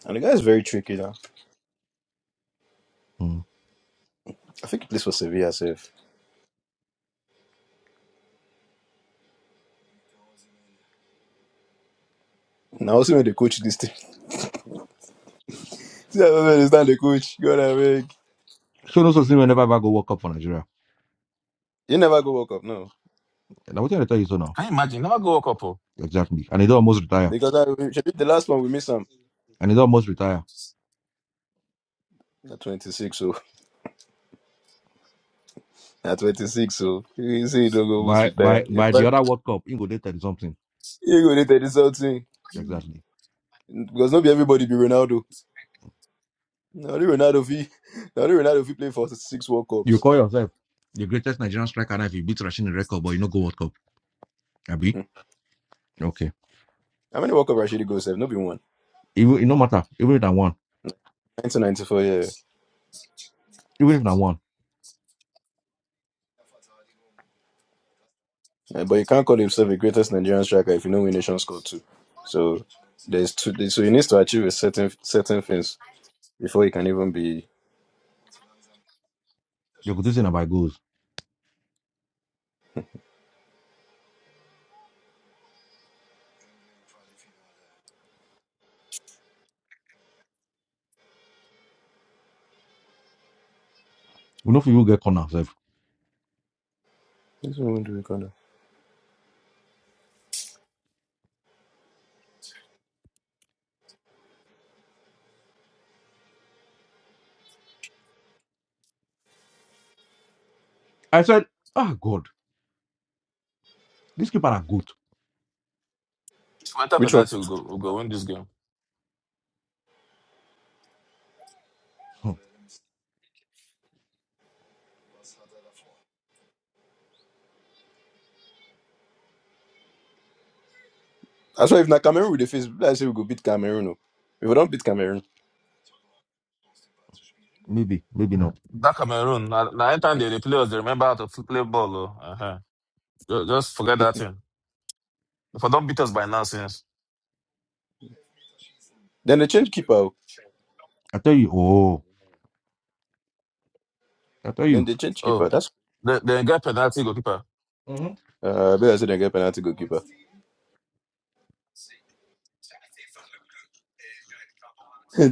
[SPEAKER 1] And the guy is very tricky now.
[SPEAKER 2] Mm.
[SPEAKER 1] I think he plays for Sevilla safe. Now also when they coach this team, See, I don't understand the coach. God I beg.
[SPEAKER 2] So no such thing whenever I go work up for Nigeria.
[SPEAKER 1] You never go World Cup, no.
[SPEAKER 2] eh, Now what I tell you so now
[SPEAKER 3] Can you imagine? Never go a couple.
[SPEAKER 2] exactly, and he don almost retire,
[SPEAKER 1] Because I Shebi, the last one we missed him.
[SPEAKER 2] and he don almost retire.
[SPEAKER 1] At twenty six, so at twenty six, so you see, you don't go almost
[SPEAKER 2] By
[SPEAKER 1] retire.
[SPEAKER 2] by
[SPEAKER 1] In
[SPEAKER 2] by the
[SPEAKER 1] fact,
[SPEAKER 2] other World Cup, he go dey thirty something
[SPEAKER 1] you go later this whole thing
[SPEAKER 2] exactly.
[SPEAKER 1] because not be everybody be Ronaldo. Now the Ronaldo fee, now the Ronaldo fee play for six World
[SPEAKER 2] You
[SPEAKER 1] Cups.
[SPEAKER 2] call yourself the greatest Nigerian striker now if you beat Rashin in record, but you no go World Cup. Abi
[SPEAKER 1] Hmm.
[SPEAKER 2] okay.
[SPEAKER 1] How many World Cup actually goes have? Not be one.
[SPEAKER 2] Even it no matter. Even if I won,
[SPEAKER 1] Nineteen ninety four, yeah.
[SPEAKER 2] even if I won,
[SPEAKER 1] Uh, but you can't call himself the greatest Nigerian striker if you know win Nations Cup too. So there's two. there- So he needs to achieve a certain certain things before he can even be.
[SPEAKER 2] you go do something about goals. We no fit even get corner sef.
[SPEAKER 1] Which one do we call that?
[SPEAKER 2] I said, ah God, this keeper are good.
[SPEAKER 3] If we enter
[SPEAKER 1] Which one?
[SPEAKER 3] penalty, we'll go, we'll go win this game.
[SPEAKER 2] Hmm,
[SPEAKER 1] That's why if na Cameroon we dey face, let's say we go beat Cameroon. oh. If we don't beat Cameroon,
[SPEAKER 2] maybe maybe
[SPEAKER 3] Mm.
[SPEAKER 2] not.
[SPEAKER 3] That Cameroon, now, now anytime they, they play us, they remember how to f- play ball. oh. Uh-huh. Ju- Just forget that thing. If I don't beat us by nonsense.
[SPEAKER 1] then they change keeper. oh.
[SPEAKER 2] I tell you, oh, I tell
[SPEAKER 1] Then
[SPEAKER 2] you.
[SPEAKER 1] they change keeper.
[SPEAKER 3] Oh,
[SPEAKER 1] That's
[SPEAKER 3] the the guy penalty goalkeeper.
[SPEAKER 2] Mm-hmm.
[SPEAKER 1] uh, I better say they get penalty goalkeeper.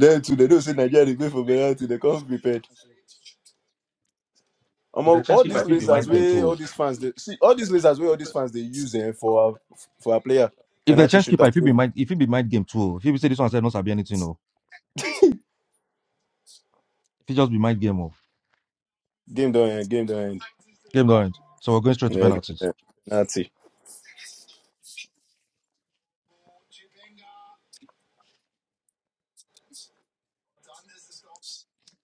[SPEAKER 1] then too, they don't say Nigeria they go for penalty. They come prepared.
[SPEAKER 2] If the
[SPEAKER 1] Among
[SPEAKER 2] chance
[SPEAKER 1] all
[SPEAKER 2] keeper,
[SPEAKER 1] these
[SPEAKER 2] I fit be
[SPEAKER 1] lasers,
[SPEAKER 2] mind game
[SPEAKER 1] way
[SPEAKER 2] too.
[SPEAKER 1] all these fans, they see all these lasers, way all these fans they use eh, for our, for our player
[SPEAKER 2] If the
[SPEAKER 1] penalty
[SPEAKER 2] chess keeper, if it be
[SPEAKER 1] shooters.
[SPEAKER 2] mind, if it be mind game too, oh. if it say this one said not sabi anything, no, if it just be mind game, oh,
[SPEAKER 1] Game don't end. Game don't end.
[SPEAKER 2] game don't end. So we're going straight
[SPEAKER 1] Yeah,
[SPEAKER 2] to
[SPEAKER 1] game don't
[SPEAKER 2] penalties.
[SPEAKER 1] end. Penalty.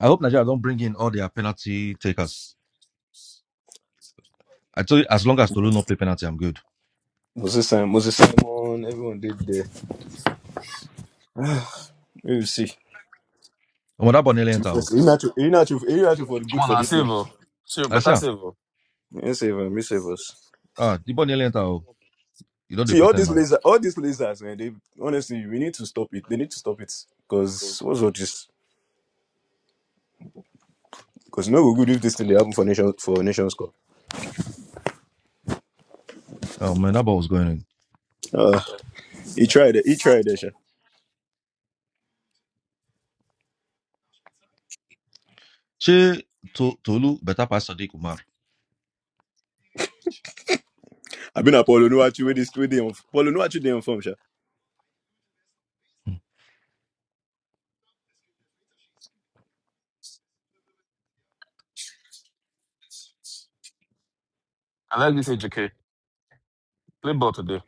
[SPEAKER 2] I hope Nigeria don't bring in all their penalty takers. I tell you, as long as Tolu not play penalty, I'm good.
[SPEAKER 1] Moses Simon, Moses Simon, everyone did there. We will see.
[SPEAKER 2] And when that ball nearly
[SPEAKER 1] To be
[SPEAKER 2] enter, oh,
[SPEAKER 1] honest, Iheanacho Iheanacho- Iheanacho for
[SPEAKER 3] Come
[SPEAKER 1] good
[SPEAKER 3] on,
[SPEAKER 1] for
[SPEAKER 3] now,
[SPEAKER 1] this
[SPEAKER 3] save.
[SPEAKER 1] game.
[SPEAKER 3] oh. Sure,
[SPEAKER 2] I see
[SPEAKER 3] better
[SPEAKER 2] am.
[SPEAKER 3] save. oh.
[SPEAKER 1] Me save us. Me save us.
[SPEAKER 2] Ah, the ball nearly enter, oh, you don't dey
[SPEAKER 1] See all
[SPEAKER 2] pretend
[SPEAKER 1] these
[SPEAKER 2] now.
[SPEAKER 1] lasers, all these lasers, man. They honestly, we need to stop it. They need to stop it because what's all this? Because no go good if this thing they happen for nation for nations cup.
[SPEAKER 2] Oh man, that ball was going in.
[SPEAKER 1] Uh, he tried it. He tried it. Sha.
[SPEAKER 2] She to, Tolu better pass Sadiq Umar.
[SPEAKER 1] I've been at Paulo Nuachu with this with them. Paulo Nuachu they on form, sha.
[SPEAKER 3] I like this AJK. Play ball today.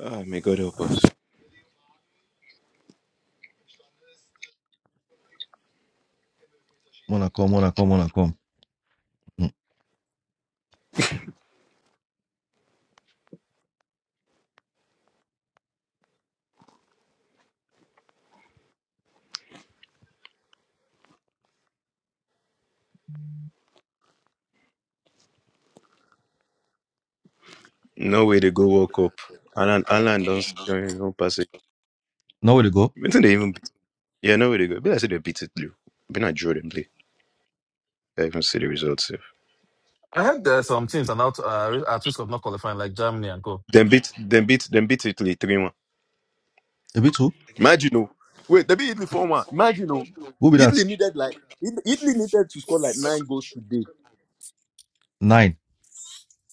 [SPEAKER 1] Ah, may God help us.
[SPEAKER 2] Wanna come, wanna come, wanna come. Mm.
[SPEAKER 1] No way they go World Cup. Alan, Alan don't join. Don't pass it.
[SPEAKER 2] Now where they go?
[SPEAKER 1] I think they even beat, yeah, no way they go. But I said they beat Italy. Been a draw them play. I even see the results. Sef.
[SPEAKER 3] I heard there are some teams are now uh, at risk of not qualifying, like Germany and Co.
[SPEAKER 1] Them beat them beat them beat Italy three one.
[SPEAKER 2] A bit two.
[SPEAKER 1] Imagine oh. Wait, they beat Italy four one. Imagine oh.
[SPEAKER 2] Who be that?
[SPEAKER 1] Italy needed like It- Italy needed to score like nine goals today.
[SPEAKER 2] Nine.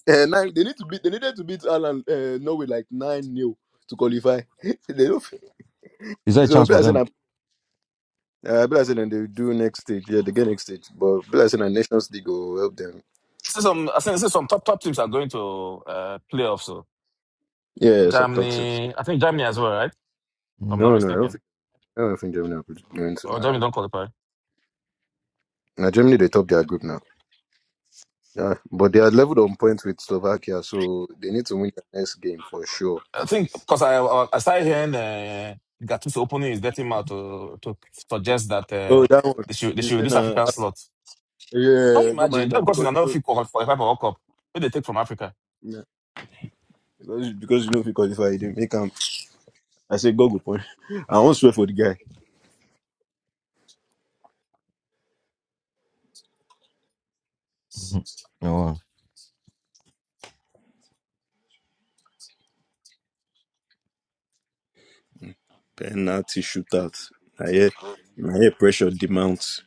[SPEAKER 1] Uh, nine, they need to beat they needed to beat Ireland uh, Norway like nine nil to qualify. they don't,
[SPEAKER 2] Is there a
[SPEAKER 1] so
[SPEAKER 2] chance for
[SPEAKER 1] Blessing
[SPEAKER 2] them?
[SPEAKER 1] and uh, Blessing and they do next stage. Yeah, they get next stage. But Blessing and Nations League will help them.
[SPEAKER 3] See some, I think see some top top teams are going to uh, playoffs. So
[SPEAKER 1] Yeah, some top teams.
[SPEAKER 3] Germany, I think Germany as well, right? If I'm
[SPEAKER 2] Mm.
[SPEAKER 3] not
[SPEAKER 1] No, no, I don't
[SPEAKER 3] mistaken.
[SPEAKER 1] think I don't think Germany are going
[SPEAKER 3] Or
[SPEAKER 1] to.
[SPEAKER 3] Germany don't qualify.
[SPEAKER 1] Now Germany they top their group now. Yeah, but they are leveled on points with Slovakia, so they need to win the next game for sure.
[SPEAKER 3] I think because I I I started hearing uh, Gattuso opening his dirty mouth to to suggest that
[SPEAKER 1] Oh,
[SPEAKER 3] uh,
[SPEAKER 1] that one.
[SPEAKER 3] they should they
[SPEAKER 1] You
[SPEAKER 3] should
[SPEAKER 1] say
[SPEAKER 3] reduce
[SPEAKER 1] now,
[SPEAKER 3] African slots. Can you
[SPEAKER 1] yeah, don't
[SPEAKER 3] imagine?
[SPEAKER 1] mind
[SPEAKER 3] Just
[SPEAKER 1] that
[SPEAKER 3] because in
[SPEAKER 1] because
[SPEAKER 3] another
[SPEAKER 1] you
[SPEAKER 3] FIFA qualify for World Cup, where they take from Africa.
[SPEAKER 1] know, yeah, because because you know if you qualify, you dey make him. I say go go point. I won't swear for the guy.
[SPEAKER 2] Mhm. Oh, wow.
[SPEAKER 1] Mm. Penalty shootout. I hear, I hear pressure demands.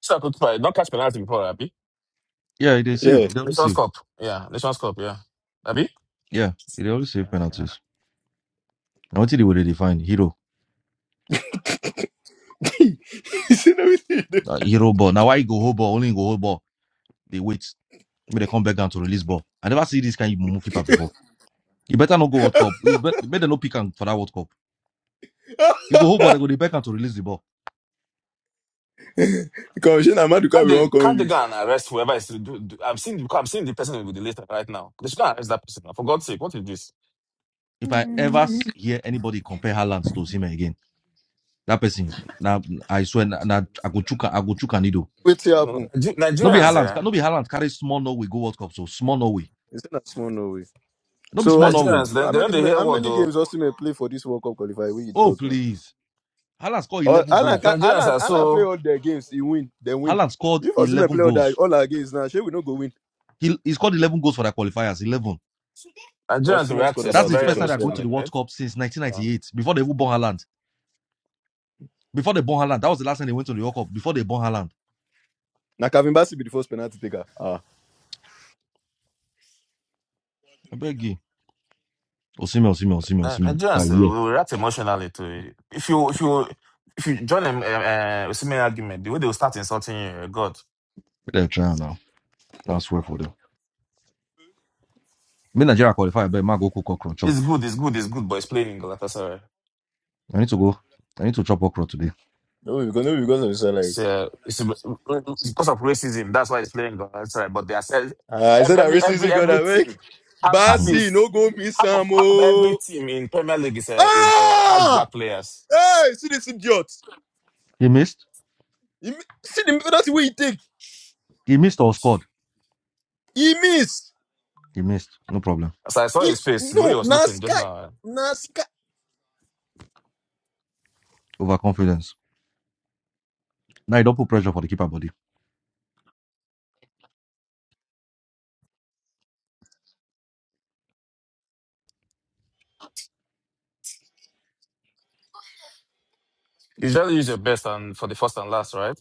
[SPEAKER 3] So I could play. Don't catch penalty before, Abby.
[SPEAKER 2] Yeah, they save.
[SPEAKER 1] Yeah.
[SPEAKER 2] They only save.
[SPEAKER 3] Nations Cup. Yeah, Nations Cup, yeah. Abby?
[SPEAKER 2] Yeah, he dey always save
[SPEAKER 3] Okay.
[SPEAKER 2] penalties. Now what want you to define hero.
[SPEAKER 1] you see now wetin you do.
[SPEAKER 2] Uh, hero ball. Now why he go hold ball? Only he go hold ball. They wait. Maybe they come back down to release ball. I never see this kind of mumu keeper before. You better not go World Cup. You bet, better not pick am for that World Cup. You go hold ball, they go dey back down to release the ball.
[SPEAKER 1] Commissioner Maduka,
[SPEAKER 3] Can't
[SPEAKER 1] we won't
[SPEAKER 3] they
[SPEAKER 1] come
[SPEAKER 3] can't they go
[SPEAKER 1] use.
[SPEAKER 3] and arrest whoever is to do, do- I'm seeing I'm seeing the person with the list right now. They should go and arrest that person. For God's sake, what is this?
[SPEAKER 2] If I ever s- hear anybody compare Haaland to Osimhen again, that person, now I swear, na na I go chuka, I go chuka nido.
[SPEAKER 1] Wait till
[SPEAKER 3] No,
[SPEAKER 1] happen.
[SPEAKER 3] Nige-
[SPEAKER 2] No be
[SPEAKER 3] Nigerians,
[SPEAKER 2] Haaland,
[SPEAKER 3] eh?
[SPEAKER 2] no be Haaland carry small Norway go World Cup, so small Norway.
[SPEAKER 1] You see that small Norway.
[SPEAKER 2] No be
[SPEAKER 1] So
[SPEAKER 2] small
[SPEAKER 1] Osimhen,
[SPEAKER 2] Norway.
[SPEAKER 3] Nigerians, they,
[SPEAKER 1] how
[SPEAKER 3] they don't
[SPEAKER 1] many
[SPEAKER 3] they hear
[SPEAKER 1] how
[SPEAKER 3] what
[SPEAKER 1] many
[SPEAKER 3] though.
[SPEAKER 1] games Osimhen play for this World Cup qualifier? We you
[SPEAKER 2] Oh
[SPEAKER 1] talk now.
[SPEAKER 2] please, Haaland scored
[SPEAKER 1] Or
[SPEAKER 2] eleven
[SPEAKER 1] Alan,
[SPEAKER 3] Ni-
[SPEAKER 2] goals.
[SPEAKER 1] ca-
[SPEAKER 3] Nigerians
[SPEAKER 1] Alan,
[SPEAKER 3] are
[SPEAKER 1] Alan play
[SPEAKER 3] so
[SPEAKER 1] all their games. He win, they win.
[SPEAKER 2] Haaland scored
[SPEAKER 1] If Osimhen
[SPEAKER 2] eleven
[SPEAKER 1] play all
[SPEAKER 2] goals.
[SPEAKER 1] that all our games now, sure we no go win.
[SPEAKER 2] He, he scored 11 goals for their qualifiers. 11.
[SPEAKER 3] Nigerians
[SPEAKER 1] Osimhen
[SPEAKER 3] react
[SPEAKER 1] scored
[SPEAKER 3] is
[SPEAKER 2] That's
[SPEAKER 1] about
[SPEAKER 2] the
[SPEAKER 3] very
[SPEAKER 1] six
[SPEAKER 2] first
[SPEAKER 1] or
[SPEAKER 2] time they're going
[SPEAKER 1] seven.
[SPEAKER 2] to
[SPEAKER 3] emotionally,
[SPEAKER 2] the World
[SPEAKER 3] right?
[SPEAKER 2] Cup since
[SPEAKER 3] So,
[SPEAKER 2] 1998, before they even born Haaland. Before they born Haaland. That was the last time they went to the World Cup, before they born Haaland.
[SPEAKER 1] Now Kevin Bassi be the first penalty taker. Ah,
[SPEAKER 2] I beg you. Osimhen, Osimhen, Osimhen,
[SPEAKER 3] Ni-
[SPEAKER 2] Osimhen. By
[SPEAKER 3] Nigerians
[SPEAKER 2] year.
[SPEAKER 3] will react emotionally to it. If you if you if you join a, a, a similar argument, the way they will start insulting you, eh, God.
[SPEAKER 2] They're trying now. Transfer for them. Me Nigeria qualify, I bet my go cook okra chop.
[SPEAKER 3] It's good, it's good, it's good, but it's playing in Galatasaray.
[SPEAKER 2] I need to go. I need to chop okra today.
[SPEAKER 1] no, because no, because of his salary.
[SPEAKER 3] It's, uh, it's, it's because of racism. That's why it's playing in Galatasaray. But they are sell
[SPEAKER 1] Ah, I
[SPEAKER 3] ev-
[SPEAKER 1] said that
[SPEAKER 3] every
[SPEAKER 1] racism
[SPEAKER 3] every every
[SPEAKER 1] gonna make
[SPEAKER 3] team have at
[SPEAKER 2] hmm
[SPEAKER 1] Bassi
[SPEAKER 3] least
[SPEAKER 1] no go miss
[SPEAKER 3] half of
[SPEAKER 1] some.
[SPEAKER 3] half of every
[SPEAKER 1] Oh,
[SPEAKER 3] team in Premier League is uh, is uh, has
[SPEAKER 1] ah,
[SPEAKER 3] black players.
[SPEAKER 1] hey, see this idiot.
[SPEAKER 2] He missed.
[SPEAKER 1] He, mi- see the penalty way he take.
[SPEAKER 2] He missed or scored.
[SPEAKER 1] He miss.
[SPEAKER 2] He missed. No problem.
[SPEAKER 3] As I saw
[SPEAKER 1] He
[SPEAKER 3] his face, the way
[SPEAKER 1] no
[SPEAKER 3] he was looking just now,
[SPEAKER 1] NASCAR.
[SPEAKER 2] Overconfidence. Now you don't put pressure for the keeper body.
[SPEAKER 3] you usually use your best and for the first and last, right?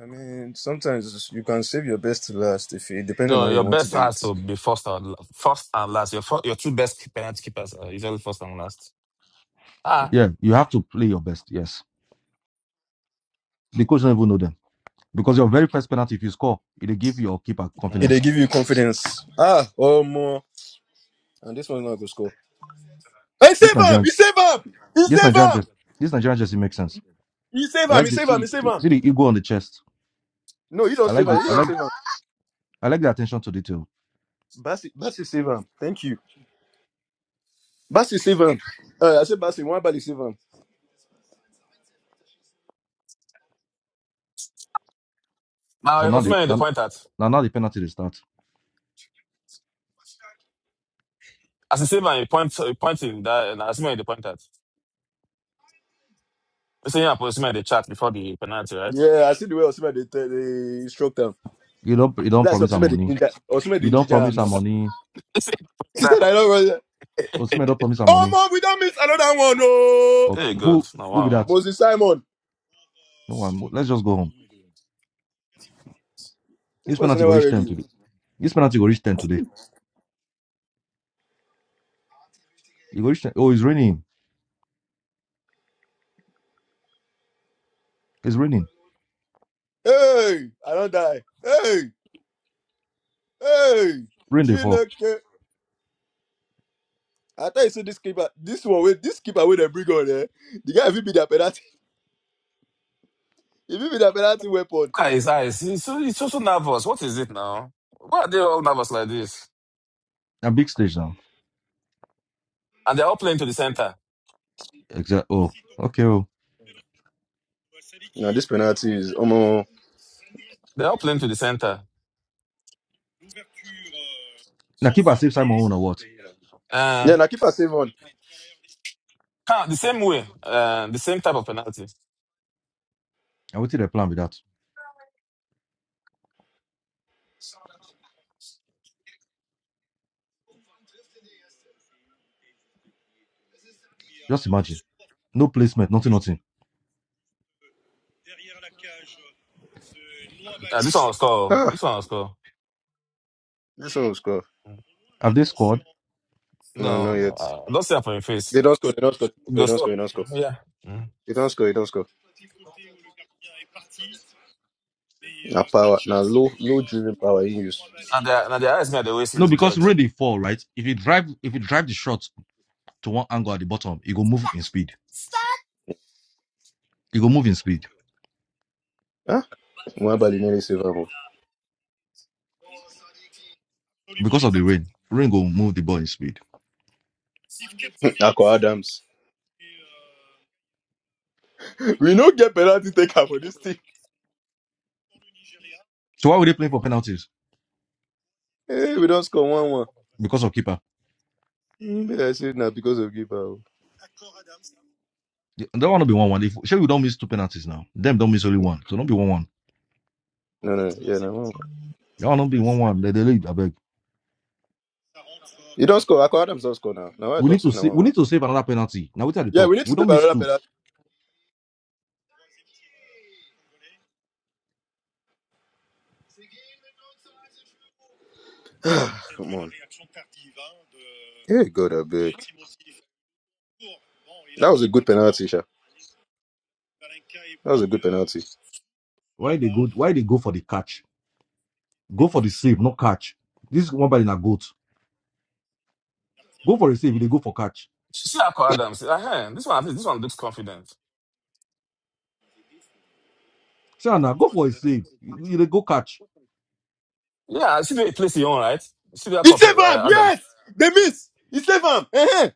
[SPEAKER 1] I mean, sometimes you can save your best to last if it depends on how
[SPEAKER 3] No,
[SPEAKER 1] you
[SPEAKER 3] your
[SPEAKER 1] want to
[SPEAKER 3] best
[SPEAKER 1] do
[SPEAKER 3] has
[SPEAKER 1] it.
[SPEAKER 3] to be first and la- first and last. Your fir- your two best penalty keepers are usually first and last. Ah,
[SPEAKER 2] Yeah, you have to play your best. Yes. The coach don't even know them because your very first penalty, if you score, it'll give your keeper
[SPEAKER 1] If
[SPEAKER 3] mm.
[SPEAKER 2] confidence.
[SPEAKER 1] they give you confidence, ah, oh more, and this one's not gonna score. Hey,
[SPEAKER 2] This
[SPEAKER 1] save him!
[SPEAKER 2] Nigerian,
[SPEAKER 1] You save him! You
[SPEAKER 2] this
[SPEAKER 1] save
[SPEAKER 2] Nigerian
[SPEAKER 1] him!
[SPEAKER 2] just, this Nigerian just makes sense.
[SPEAKER 1] You save
[SPEAKER 2] I
[SPEAKER 1] him!
[SPEAKER 2] like
[SPEAKER 1] You
[SPEAKER 2] the
[SPEAKER 1] save him! You
[SPEAKER 2] see,
[SPEAKER 1] save
[SPEAKER 2] the-
[SPEAKER 1] him!
[SPEAKER 2] see the ego on the chest.
[SPEAKER 1] No, you don't
[SPEAKER 2] I
[SPEAKER 1] save
[SPEAKER 2] like the,
[SPEAKER 1] him! You
[SPEAKER 2] I
[SPEAKER 1] don't
[SPEAKER 2] like,
[SPEAKER 1] save him!
[SPEAKER 2] I like the attention to detail.
[SPEAKER 1] Basi, Basi, save him! Thank you, Basi, save him! Uh, I said Basi, one body save him.
[SPEAKER 3] now
[SPEAKER 2] So now the
[SPEAKER 3] Osman the
[SPEAKER 2] now,
[SPEAKER 3] point at.
[SPEAKER 2] now now the penalty they start.
[SPEAKER 3] As the same man, you point, you point him that, and as the man, they point at. You The same man, the they chat before the penalty, right?
[SPEAKER 1] Yeah, I see the way Osima they, tell- they instruct him.
[SPEAKER 2] You don't, you don't
[SPEAKER 1] That's
[SPEAKER 2] promise her
[SPEAKER 1] Osima the
[SPEAKER 2] money.
[SPEAKER 1] ginger. Osima the
[SPEAKER 2] You don't
[SPEAKER 1] ginger him
[SPEAKER 2] promise her
[SPEAKER 1] now.
[SPEAKER 2] money.
[SPEAKER 1] She said, "I
[SPEAKER 3] exactly.
[SPEAKER 1] don't run."
[SPEAKER 2] Osimhen don't promise her
[SPEAKER 1] Oh,
[SPEAKER 2] money.
[SPEAKER 1] mom, we don't miss another one, no.
[SPEAKER 3] hey, God.
[SPEAKER 2] Who,
[SPEAKER 3] Now,
[SPEAKER 2] who be
[SPEAKER 3] wow.
[SPEAKER 2] that?
[SPEAKER 1] Moses Simon,
[SPEAKER 2] No one. Let's just go home.
[SPEAKER 1] this
[SPEAKER 2] This
[SPEAKER 1] person
[SPEAKER 2] penalty go
[SPEAKER 1] never
[SPEAKER 2] reach
[SPEAKER 1] read
[SPEAKER 2] ten
[SPEAKER 1] you.
[SPEAKER 2] today. This penalty go reach ten today. You go reach 10. Oh, it's raining. It's raining.
[SPEAKER 1] Hey, I don't die. Hey, hey,
[SPEAKER 2] Rain day fall.
[SPEAKER 1] Chineke. I thought you said this keeper, this one, with this keeper with a bring on there. The guy if he be that penalty, if he be that penalty weapon.
[SPEAKER 3] Look at his eyes. He's so, he's so, so nervous. What is it now? Why are they all nervous like this?
[SPEAKER 2] A big stage now.
[SPEAKER 3] And they're all playing to the center.
[SPEAKER 2] Exact. Oh, okay. Oh,
[SPEAKER 1] No, this penalty is almost.
[SPEAKER 3] They're all playing to the center.
[SPEAKER 2] now keep her safe Simon own or what?
[SPEAKER 3] Uh,
[SPEAKER 1] Yeah, now keeper save on.
[SPEAKER 3] huh, the same way, uh, the same type of penalty.
[SPEAKER 2] I waited a plan with that. Just imagine. No placement. Nothing. Nothing.
[SPEAKER 3] Uh, this one was score. oh.
[SPEAKER 1] Ah,
[SPEAKER 3] This one was score.
[SPEAKER 1] this one will score.
[SPEAKER 3] Mm.
[SPEAKER 2] Have they scored?
[SPEAKER 1] No, not
[SPEAKER 3] No,
[SPEAKER 1] yet.
[SPEAKER 3] uh, don't say up on your
[SPEAKER 1] They
[SPEAKER 3] face.
[SPEAKER 1] don't score. They don't score. They
[SPEAKER 3] Go
[SPEAKER 1] don't score.
[SPEAKER 3] score.
[SPEAKER 1] They don't score.
[SPEAKER 3] Mm, Yeah. Mm.
[SPEAKER 1] They don't score. They don't score. Now power. Now low, low driven power in use.
[SPEAKER 3] And their, and their eyes me at the way
[SPEAKER 2] No,
[SPEAKER 3] sees
[SPEAKER 2] because
[SPEAKER 3] judge.
[SPEAKER 2] where they fall, right? If you drive, if you drive the shot to one angle at the bottom, it go move in speed. It go move in speed
[SPEAKER 1] Huh? Mwabali nearly save him.
[SPEAKER 2] because of the rain. Rain go move the ball in speed.
[SPEAKER 1] Akwa Adams. We don't get penalty taker for this thing.
[SPEAKER 2] So why were they playing for penalties?
[SPEAKER 1] Hey, we don't score one one.
[SPEAKER 2] Because of keeper.
[SPEAKER 1] Mm, But I said now because of give out.
[SPEAKER 2] That one will be one one. If sure we don't miss two penalties now, them don't miss only one. So don't be one one.
[SPEAKER 1] No, no, yeah, no. one one.
[SPEAKER 2] That one don't be one one. They, they lead. I beg.
[SPEAKER 1] You don't score. I call Adams don't score now. Now I
[SPEAKER 2] We
[SPEAKER 1] talk
[SPEAKER 2] need
[SPEAKER 1] to
[SPEAKER 2] to
[SPEAKER 1] now
[SPEAKER 2] save.
[SPEAKER 1] one
[SPEAKER 2] We
[SPEAKER 1] one.
[SPEAKER 2] need to save another penalty. Now we try the
[SPEAKER 1] Yeah,
[SPEAKER 2] talk.
[SPEAKER 1] we need to
[SPEAKER 2] We
[SPEAKER 1] take
[SPEAKER 2] don't miss
[SPEAKER 1] another
[SPEAKER 2] two.
[SPEAKER 1] penalty. Come on. Hey, God, I beg. That was a good penalty, Sha. That was a good penalty.
[SPEAKER 2] Why they go? Why they go for the catch? Go for the save, not catch. This one by the goat. Go for the save. They go for catch
[SPEAKER 3] See that call Adams. Uh, huh, this one, this one looks confident.
[SPEAKER 2] Say now go for a save. You, you dey go catch.
[SPEAKER 3] Yeah, see the way he plays his own, right? See that
[SPEAKER 1] He
[SPEAKER 3] call play-
[SPEAKER 1] saved him.
[SPEAKER 3] uh,
[SPEAKER 1] Yes,
[SPEAKER 3] Adams.
[SPEAKER 1] they miss. He saved him. uh huh.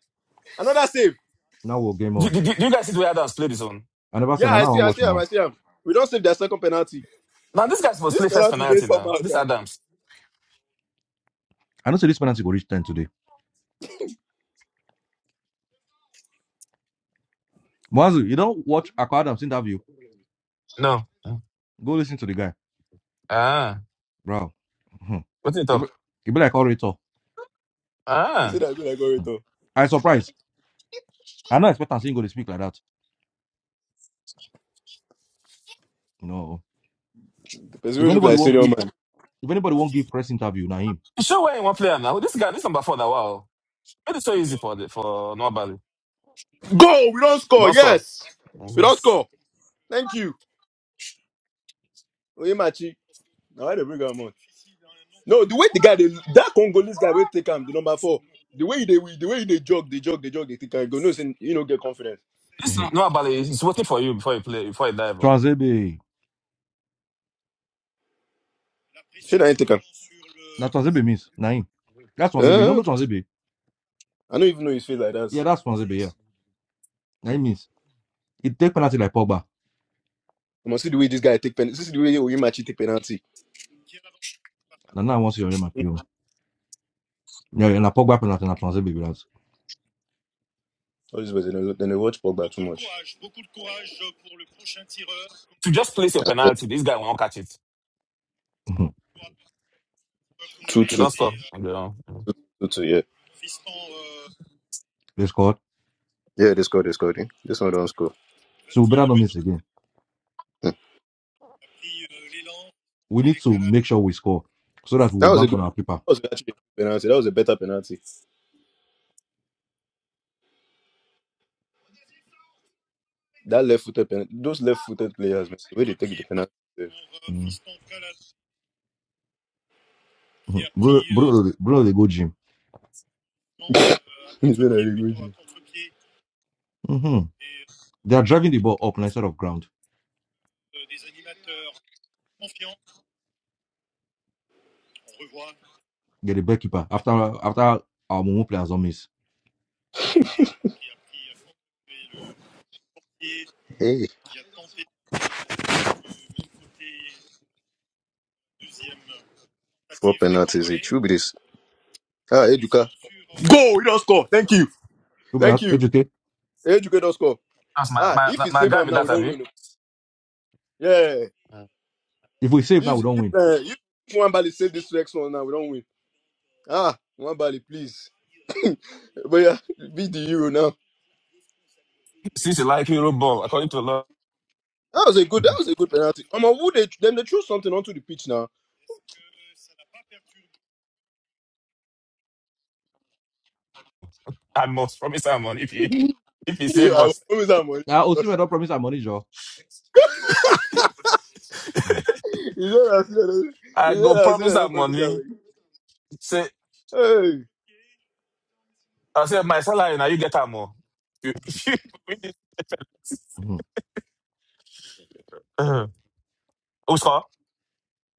[SPEAKER 1] Another save.
[SPEAKER 2] Now we'll game
[SPEAKER 3] Do,
[SPEAKER 2] on.
[SPEAKER 3] do, do do you guys see the way Adams played his own?
[SPEAKER 2] I never said
[SPEAKER 1] Yeah,
[SPEAKER 2] "Nah,
[SPEAKER 1] I
[SPEAKER 2] now I
[SPEAKER 1] see.
[SPEAKER 2] want
[SPEAKER 1] I
[SPEAKER 2] watch
[SPEAKER 1] see
[SPEAKER 2] my
[SPEAKER 1] him.
[SPEAKER 2] own.
[SPEAKER 1] I see him. We don't save their second penalty.
[SPEAKER 3] Now this guy supposed to
[SPEAKER 1] This
[SPEAKER 3] play first
[SPEAKER 1] penalty is there
[SPEAKER 3] penalty
[SPEAKER 1] somehow,
[SPEAKER 3] now. This
[SPEAKER 1] Sha.
[SPEAKER 3] Adams.
[SPEAKER 2] I know say this penalty go reach 10 today. Mwazu, you don't watch Akwa Adams interview.
[SPEAKER 3] No.
[SPEAKER 2] Go listen to the guy.
[SPEAKER 3] Ah,
[SPEAKER 2] Bro. Hmm.
[SPEAKER 3] what you
[SPEAKER 2] It be,
[SPEAKER 3] talk?
[SPEAKER 2] it be like orator.
[SPEAKER 1] You see
[SPEAKER 3] Ah,
[SPEAKER 1] that good I go with though.
[SPEAKER 2] I surprised. I not expect I'm him go to speak like that. No.
[SPEAKER 1] The person
[SPEAKER 2] If
[SPEAKER 1] will look
[SPEAKER 2] anybody
[SPEAKER 1] like
[SPEAKER 2] won't
[SPEAKER 1] senior
[SPEAKER 2] give
[SPEAKER 1] man.
[SPEAKER 2] if anybody won't give press interview, now him.
[SPEAKER 3] you show where in one player now. This guy, this number four now. Wow, it is so easy for the, for Noah Bali.
[SPEAKER 1] Go. We don't score.
[SPEAKER 3] Don't stop.
[SPEAKER 1] Yes, we don't score. Thank you. Oyemachi. Now why they bring am out? No, the way the guy they, that Congolese guy will take him, the number four. The way they the way they jog, they jog, they jog, they take him. Go no, say, you know, get confidence.
[SPEAKER 3] This
[SPEAKER 2] Mm-hmm.
[SPEAKER 3] Noah Bali is is waiting for you before you play before you dive. oh.
[SPEAKER 2] Transebe.
[SPEAKER 1] Shit, I ain't take him.
[SPEAKER 2] Now Transebe means Naim. That's Transebe. You
[SPEAKER 1] Uh,
[SPEAKER 2] don't know Transebe?
[SPEAKER 1] I don't even know his face like that.
[SPEAKER 2] Yeah, that's Transebe, yeah. Naim means it take penalty like Pogba.
[SPEAKER 1] You must see the way this guy take penalty. See the way Oyemachi take penalty.
[SPEAKER 2] And now I want to hear my
[SPEAKER 1] Hmm.
[SPEAKER 2] PO. Yeah, and I pop back penalty and I translate baby lads.
[SPEAKER 1] All this was then they they watch Pogba too much.
[SPEAKER 3] To just place your
[SPEAKER 1] I bet.
[SPEAKER 3] penalty, this guy won't catch it.
[SPEAKER 2] Mhm.
[SPEAKER 1] Two
[SPEAKER 3] You
[SPEAKER 1] two,
[SPEAKER 3] don't stop. You know.
[SPEAKER 1] two two. yeah.
[SPEAKER 2] they scored.
[SPEAKER 1] Yeah, they scored, they scored. eh? This one don't score.
[SPEAKER 2] So we better not miss again.
[SPEAKER 1] Hmm.
[SPEAKER 2] We need to make sure we score so that we will
[SPEAKER 1] That was a
[SPEAKER 2] bank
[SPEAKER 1] good
[SPEAKER 2] on our paper.
[SPEAKER 1] that was actually a good penalty. That was a better penalty. That left footed pen those left footed players, man, the way they take the penalty. eh,
[SPEAKER 2] Mm-hmm. Bruno, Bruno, Bruno, they go gym.
[SPEAKER 1] It's not a really good
[SPEAKER 2] hmm They are driving the ball up and instead of ground. Get a back keeper after after our Mumu players don't miss.
[SPEAKER 1] Hey, four penalties. It should be this. Ah, Eduka. Go! He don't score. Thank you.
[SPEAKER 2] Remember
[SPEAKER 1] Thank
[SPEAKER 2] that?
[SPEAKER 1] you.
[SPEAKER 2] Educate.
[SPEAKER 1] Educate don't score.
[SPEAKER 3] That's my
[SPEAKER 1] Ah, if
[SPEAKER 3] my
[SPEAKER 1] he
[SPEAKER 3] my
[SPEAKER 1] save
[SPEAKER 3] guy
[SPEAKER 1] him
[SPEAKER 3] with
[SPEAKER 1] now, we
[SPEAKER 3] that,
[SPEAKER 1] don't
[SPEAKER 3] Abi.
[SPEAKER 1] win. oh. Yeah.
[SPEAKER 2] If we save now, we
[SPEAKER 1] If
[SPEAKER 2] don't
[SPEAKER 1] if
[SPEAKER 2] win.
[SPEAKER 1] uh, if Nwambali save this next one now, we don't win. Ah, Nwambali, please. but yeah, beat the Euro now.
[SPEAKER 3] Since you like hero ball, according to law.
[SPEAKER 1] That was a good. That was a good penalty. I'm who they them. They threw something onto the pitch now.
[SPEAKER 3] I must promise her money if you if you save
[SPEAKER 1] I
[SPEAKER 3] us.
[SPEAKER 1] promise I'm
[SPEAKER 2] Now,
[SPEAKER 1] on.
[SPEAKER 2] ultimately, don't promise our money, Joe. Mm-hmm.
[SPEAKER 1] You know I said that. You
[SPEAKER 3] I
[SPEAKER 1] know
[SPEAKER 3] go
[SPEAKER 1] I said
[SPEAKER 3] promise
[SPEAKER 1] that
[SPEAKER 3] her
[SPEAKER 1] on purpose.
[SPEAKER 3] money.
[SPEAKER 1] Already.
[SPEAKER 3] Say
[SPEAKER 1] Hey.
[SPEAKER 3] I say my salary now you get her more. You- if you win this-
[SPEAKER 2] hmm
[SPEAKER 3] Uh, Who score?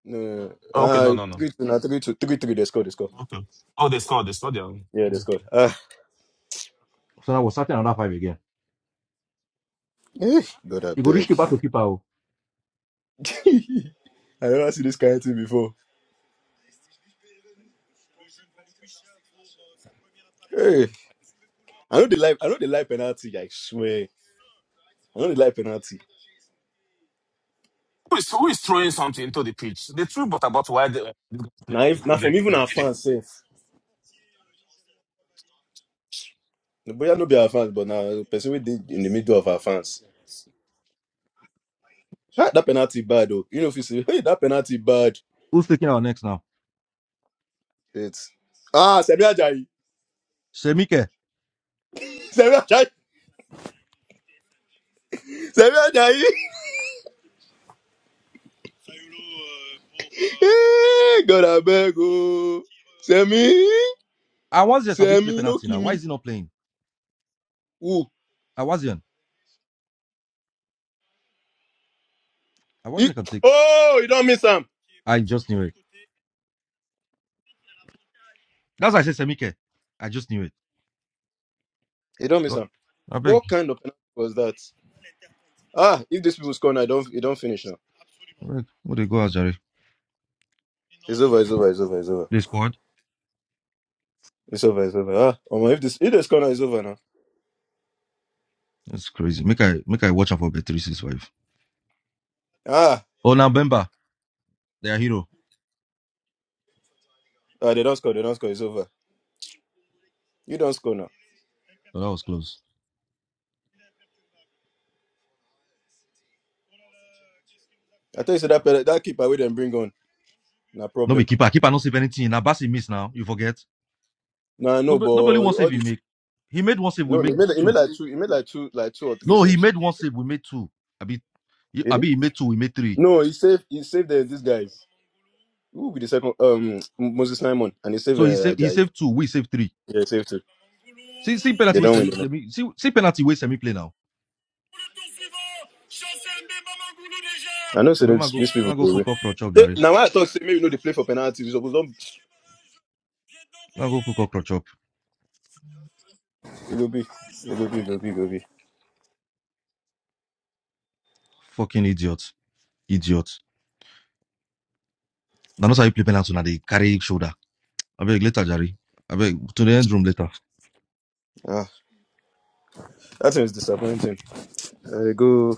[SPEAKER 1] No, no, no.
[SPEAKER 3] Oh, okay, no,
[SPEAKER 1] Uh,
[SPEAKER 3] no, no.
[SPEAKER 1] three two now, three two, three three. They scored. They scored.
[SPEAKER 3] Okay. Oh, they score. They score their own.
[SPEAKER 1] Yeah, they
[SPEAKER 3] Mhm.
[SPEAKER 1] scored. Ah,
[SPEAKER 2] So now we're starting another five again.
[SPEAKER 1] eh, God, I
[SPEAKER 2] You go reach
[SPEAKER 1] beg.
[SPEAKER 2] keeper to keeper. oh.
[SPEAKER 1] I never see this kind of thing before. Hey, I know the life. I know the life penalty. I swear, I know the life penalty.
[SPEAKER 3] Who is who is throwing something into the pitch? They threw but about why they,
[SPEAKER 1] Now, if now
[SPEAKER 3] they got
[SPEAKER 1] from even our
[SPEAKER 3] played.
[SPEAKER 1] fans, safe. But yeah, no be our fans, but now person we did in the middle of our fans. Ah, that penalty bad though. You know if you say, hey, that penalty bad.
[SPEAKER 2] Who's taking our next now?
[SPEAKER 1] It's ah, Samuel Ajayi,
[SPEAKER 2] Semike.
[SPEAKER 1] Samuel Ajayi, Samuel Ajayi. Hey, God, I beg, oh. Semi,
[SPEAKER 2] I was just a bit play
[SPEAKER 1] Semi, no
[SPEAKER 2] penalty now. Why is
[SPEAKER 1] Kimi.
[SPEAKER 2] he not playing?
[SPEAKER 1] Ooh.
[SPEAKER 2] I wasn't. I
[SPEAKER 1] He,
[SPEAKER 2] wasn't going
[SPEAKER 1] oh, you don't miss him.
[SPEAKER 2] I just knew it. That's why I said Semike. I just knew it.
[SPEAKER 1] You don't miss
[SPEAKER 2] Lo-
[SPEAKER 1] him.
[SPEAKER 2] I beg,
[SPEAKER 1] What kind of penalty was that? Ah, if these people score now, you don't, you don't finish now.
[SPEAKER 2] I beg. What they go out, Jerry?
[SPEAKER 1] It's over, it's over, it's over, it's over.
[SPEAKER 2] They squad.
[SPEAKER 1] It's over, it's over. Ah, Omo, if this, if they score now, it's over now.
[SPEAKER 2] That's crazy. Make I make I watch out for bet three six five.
[SPEAKER 1] Ah,
[SPEAKER 2] Oh, now Bemba, their hero.
[SPEAKER 1] ah, they don't score, they don't score, it's over. You don't score now.
[SPEAKER 2] But that was close.
[SPEAKER 1] I tell you, say that, pele- that keeper we them bring on, no
[SPEAKER 2] No be
[SPEAKER 1] problem.
[SPEAKER 2] keeper. Keeper not save anything. Now Bassi miss now. You forget.
[SPEAKER 1] Nah, no, but
[SPEAKER 2] Nobody, nobody one
[SPEAKER 1] all
[SPEAKER 2] save he
[SPEAKER 1] the
[SPEAKER 2] make. He made one save. We
[SPEAKER 1] no, no, he
[SPEAKER 2] made
[SPEAKER 1] made, he made
[SPEAKER 2] two.
[SPEAKER 1] like two, he made like two, like two or three
[SPEAKER 2] No, he
[SPEAKER 1] saves.
[SPEAKER 2] made one save. We made two. I be,
[SPEAKER 1] Did
[SPEAKER 2] I
[SPEAKER 1] he?
[SPEAKER 2] be. He made two. We made three.
[SPEAKER 1] No, he saved, he saved the, this guy. Who will be the second? Um, Moses Simon and they save
[SPEAKER 2] So he
[SPEAKER 1] uh,
[SPEAKER 2] saved. He
[SPEAKER 1] Ajayi.
[SPEAKER 2] saved two. We saved three.
[SPEAKER 1] Yeah, save too.
[SPEAKER 2] See, see
[SPEAKER 1] They
[SPEAKER 2] penalty waste.
[SPEAKER 1] don't win. Enough.
[SPEAKER 2] See, see penalty waste. Semi play now.
[SPEAKER 1] I know. So
[SPEAKER 2] Bemba
[SPEAKER 1] these
[SPEAKER 2] go,
[SPEAKER 1] these people
[SPEAKER 2] Bemba
[SPEAKER 1] go
[SPEAKER 2] go
[SPEAKER 1] away.
[SPEAKER 2] cook cockroach up, Jerry.
[SPEAKER 1] Now I thought say, maybe you know they play for penalties. It suppose don't-
[SPEAKER 2] Now go cook cockroach up,
[SPEAKER 1] it go be. It go be. It go be. It go be.
[SPEAKER 2] Fucking idiots. Idiots. Now not how you play penalty now they carry shoulder. I beg later, Jerry. I beg to the end room later.
[SPEAKER 1] Ah, that thing is disappointing. Uh, they go.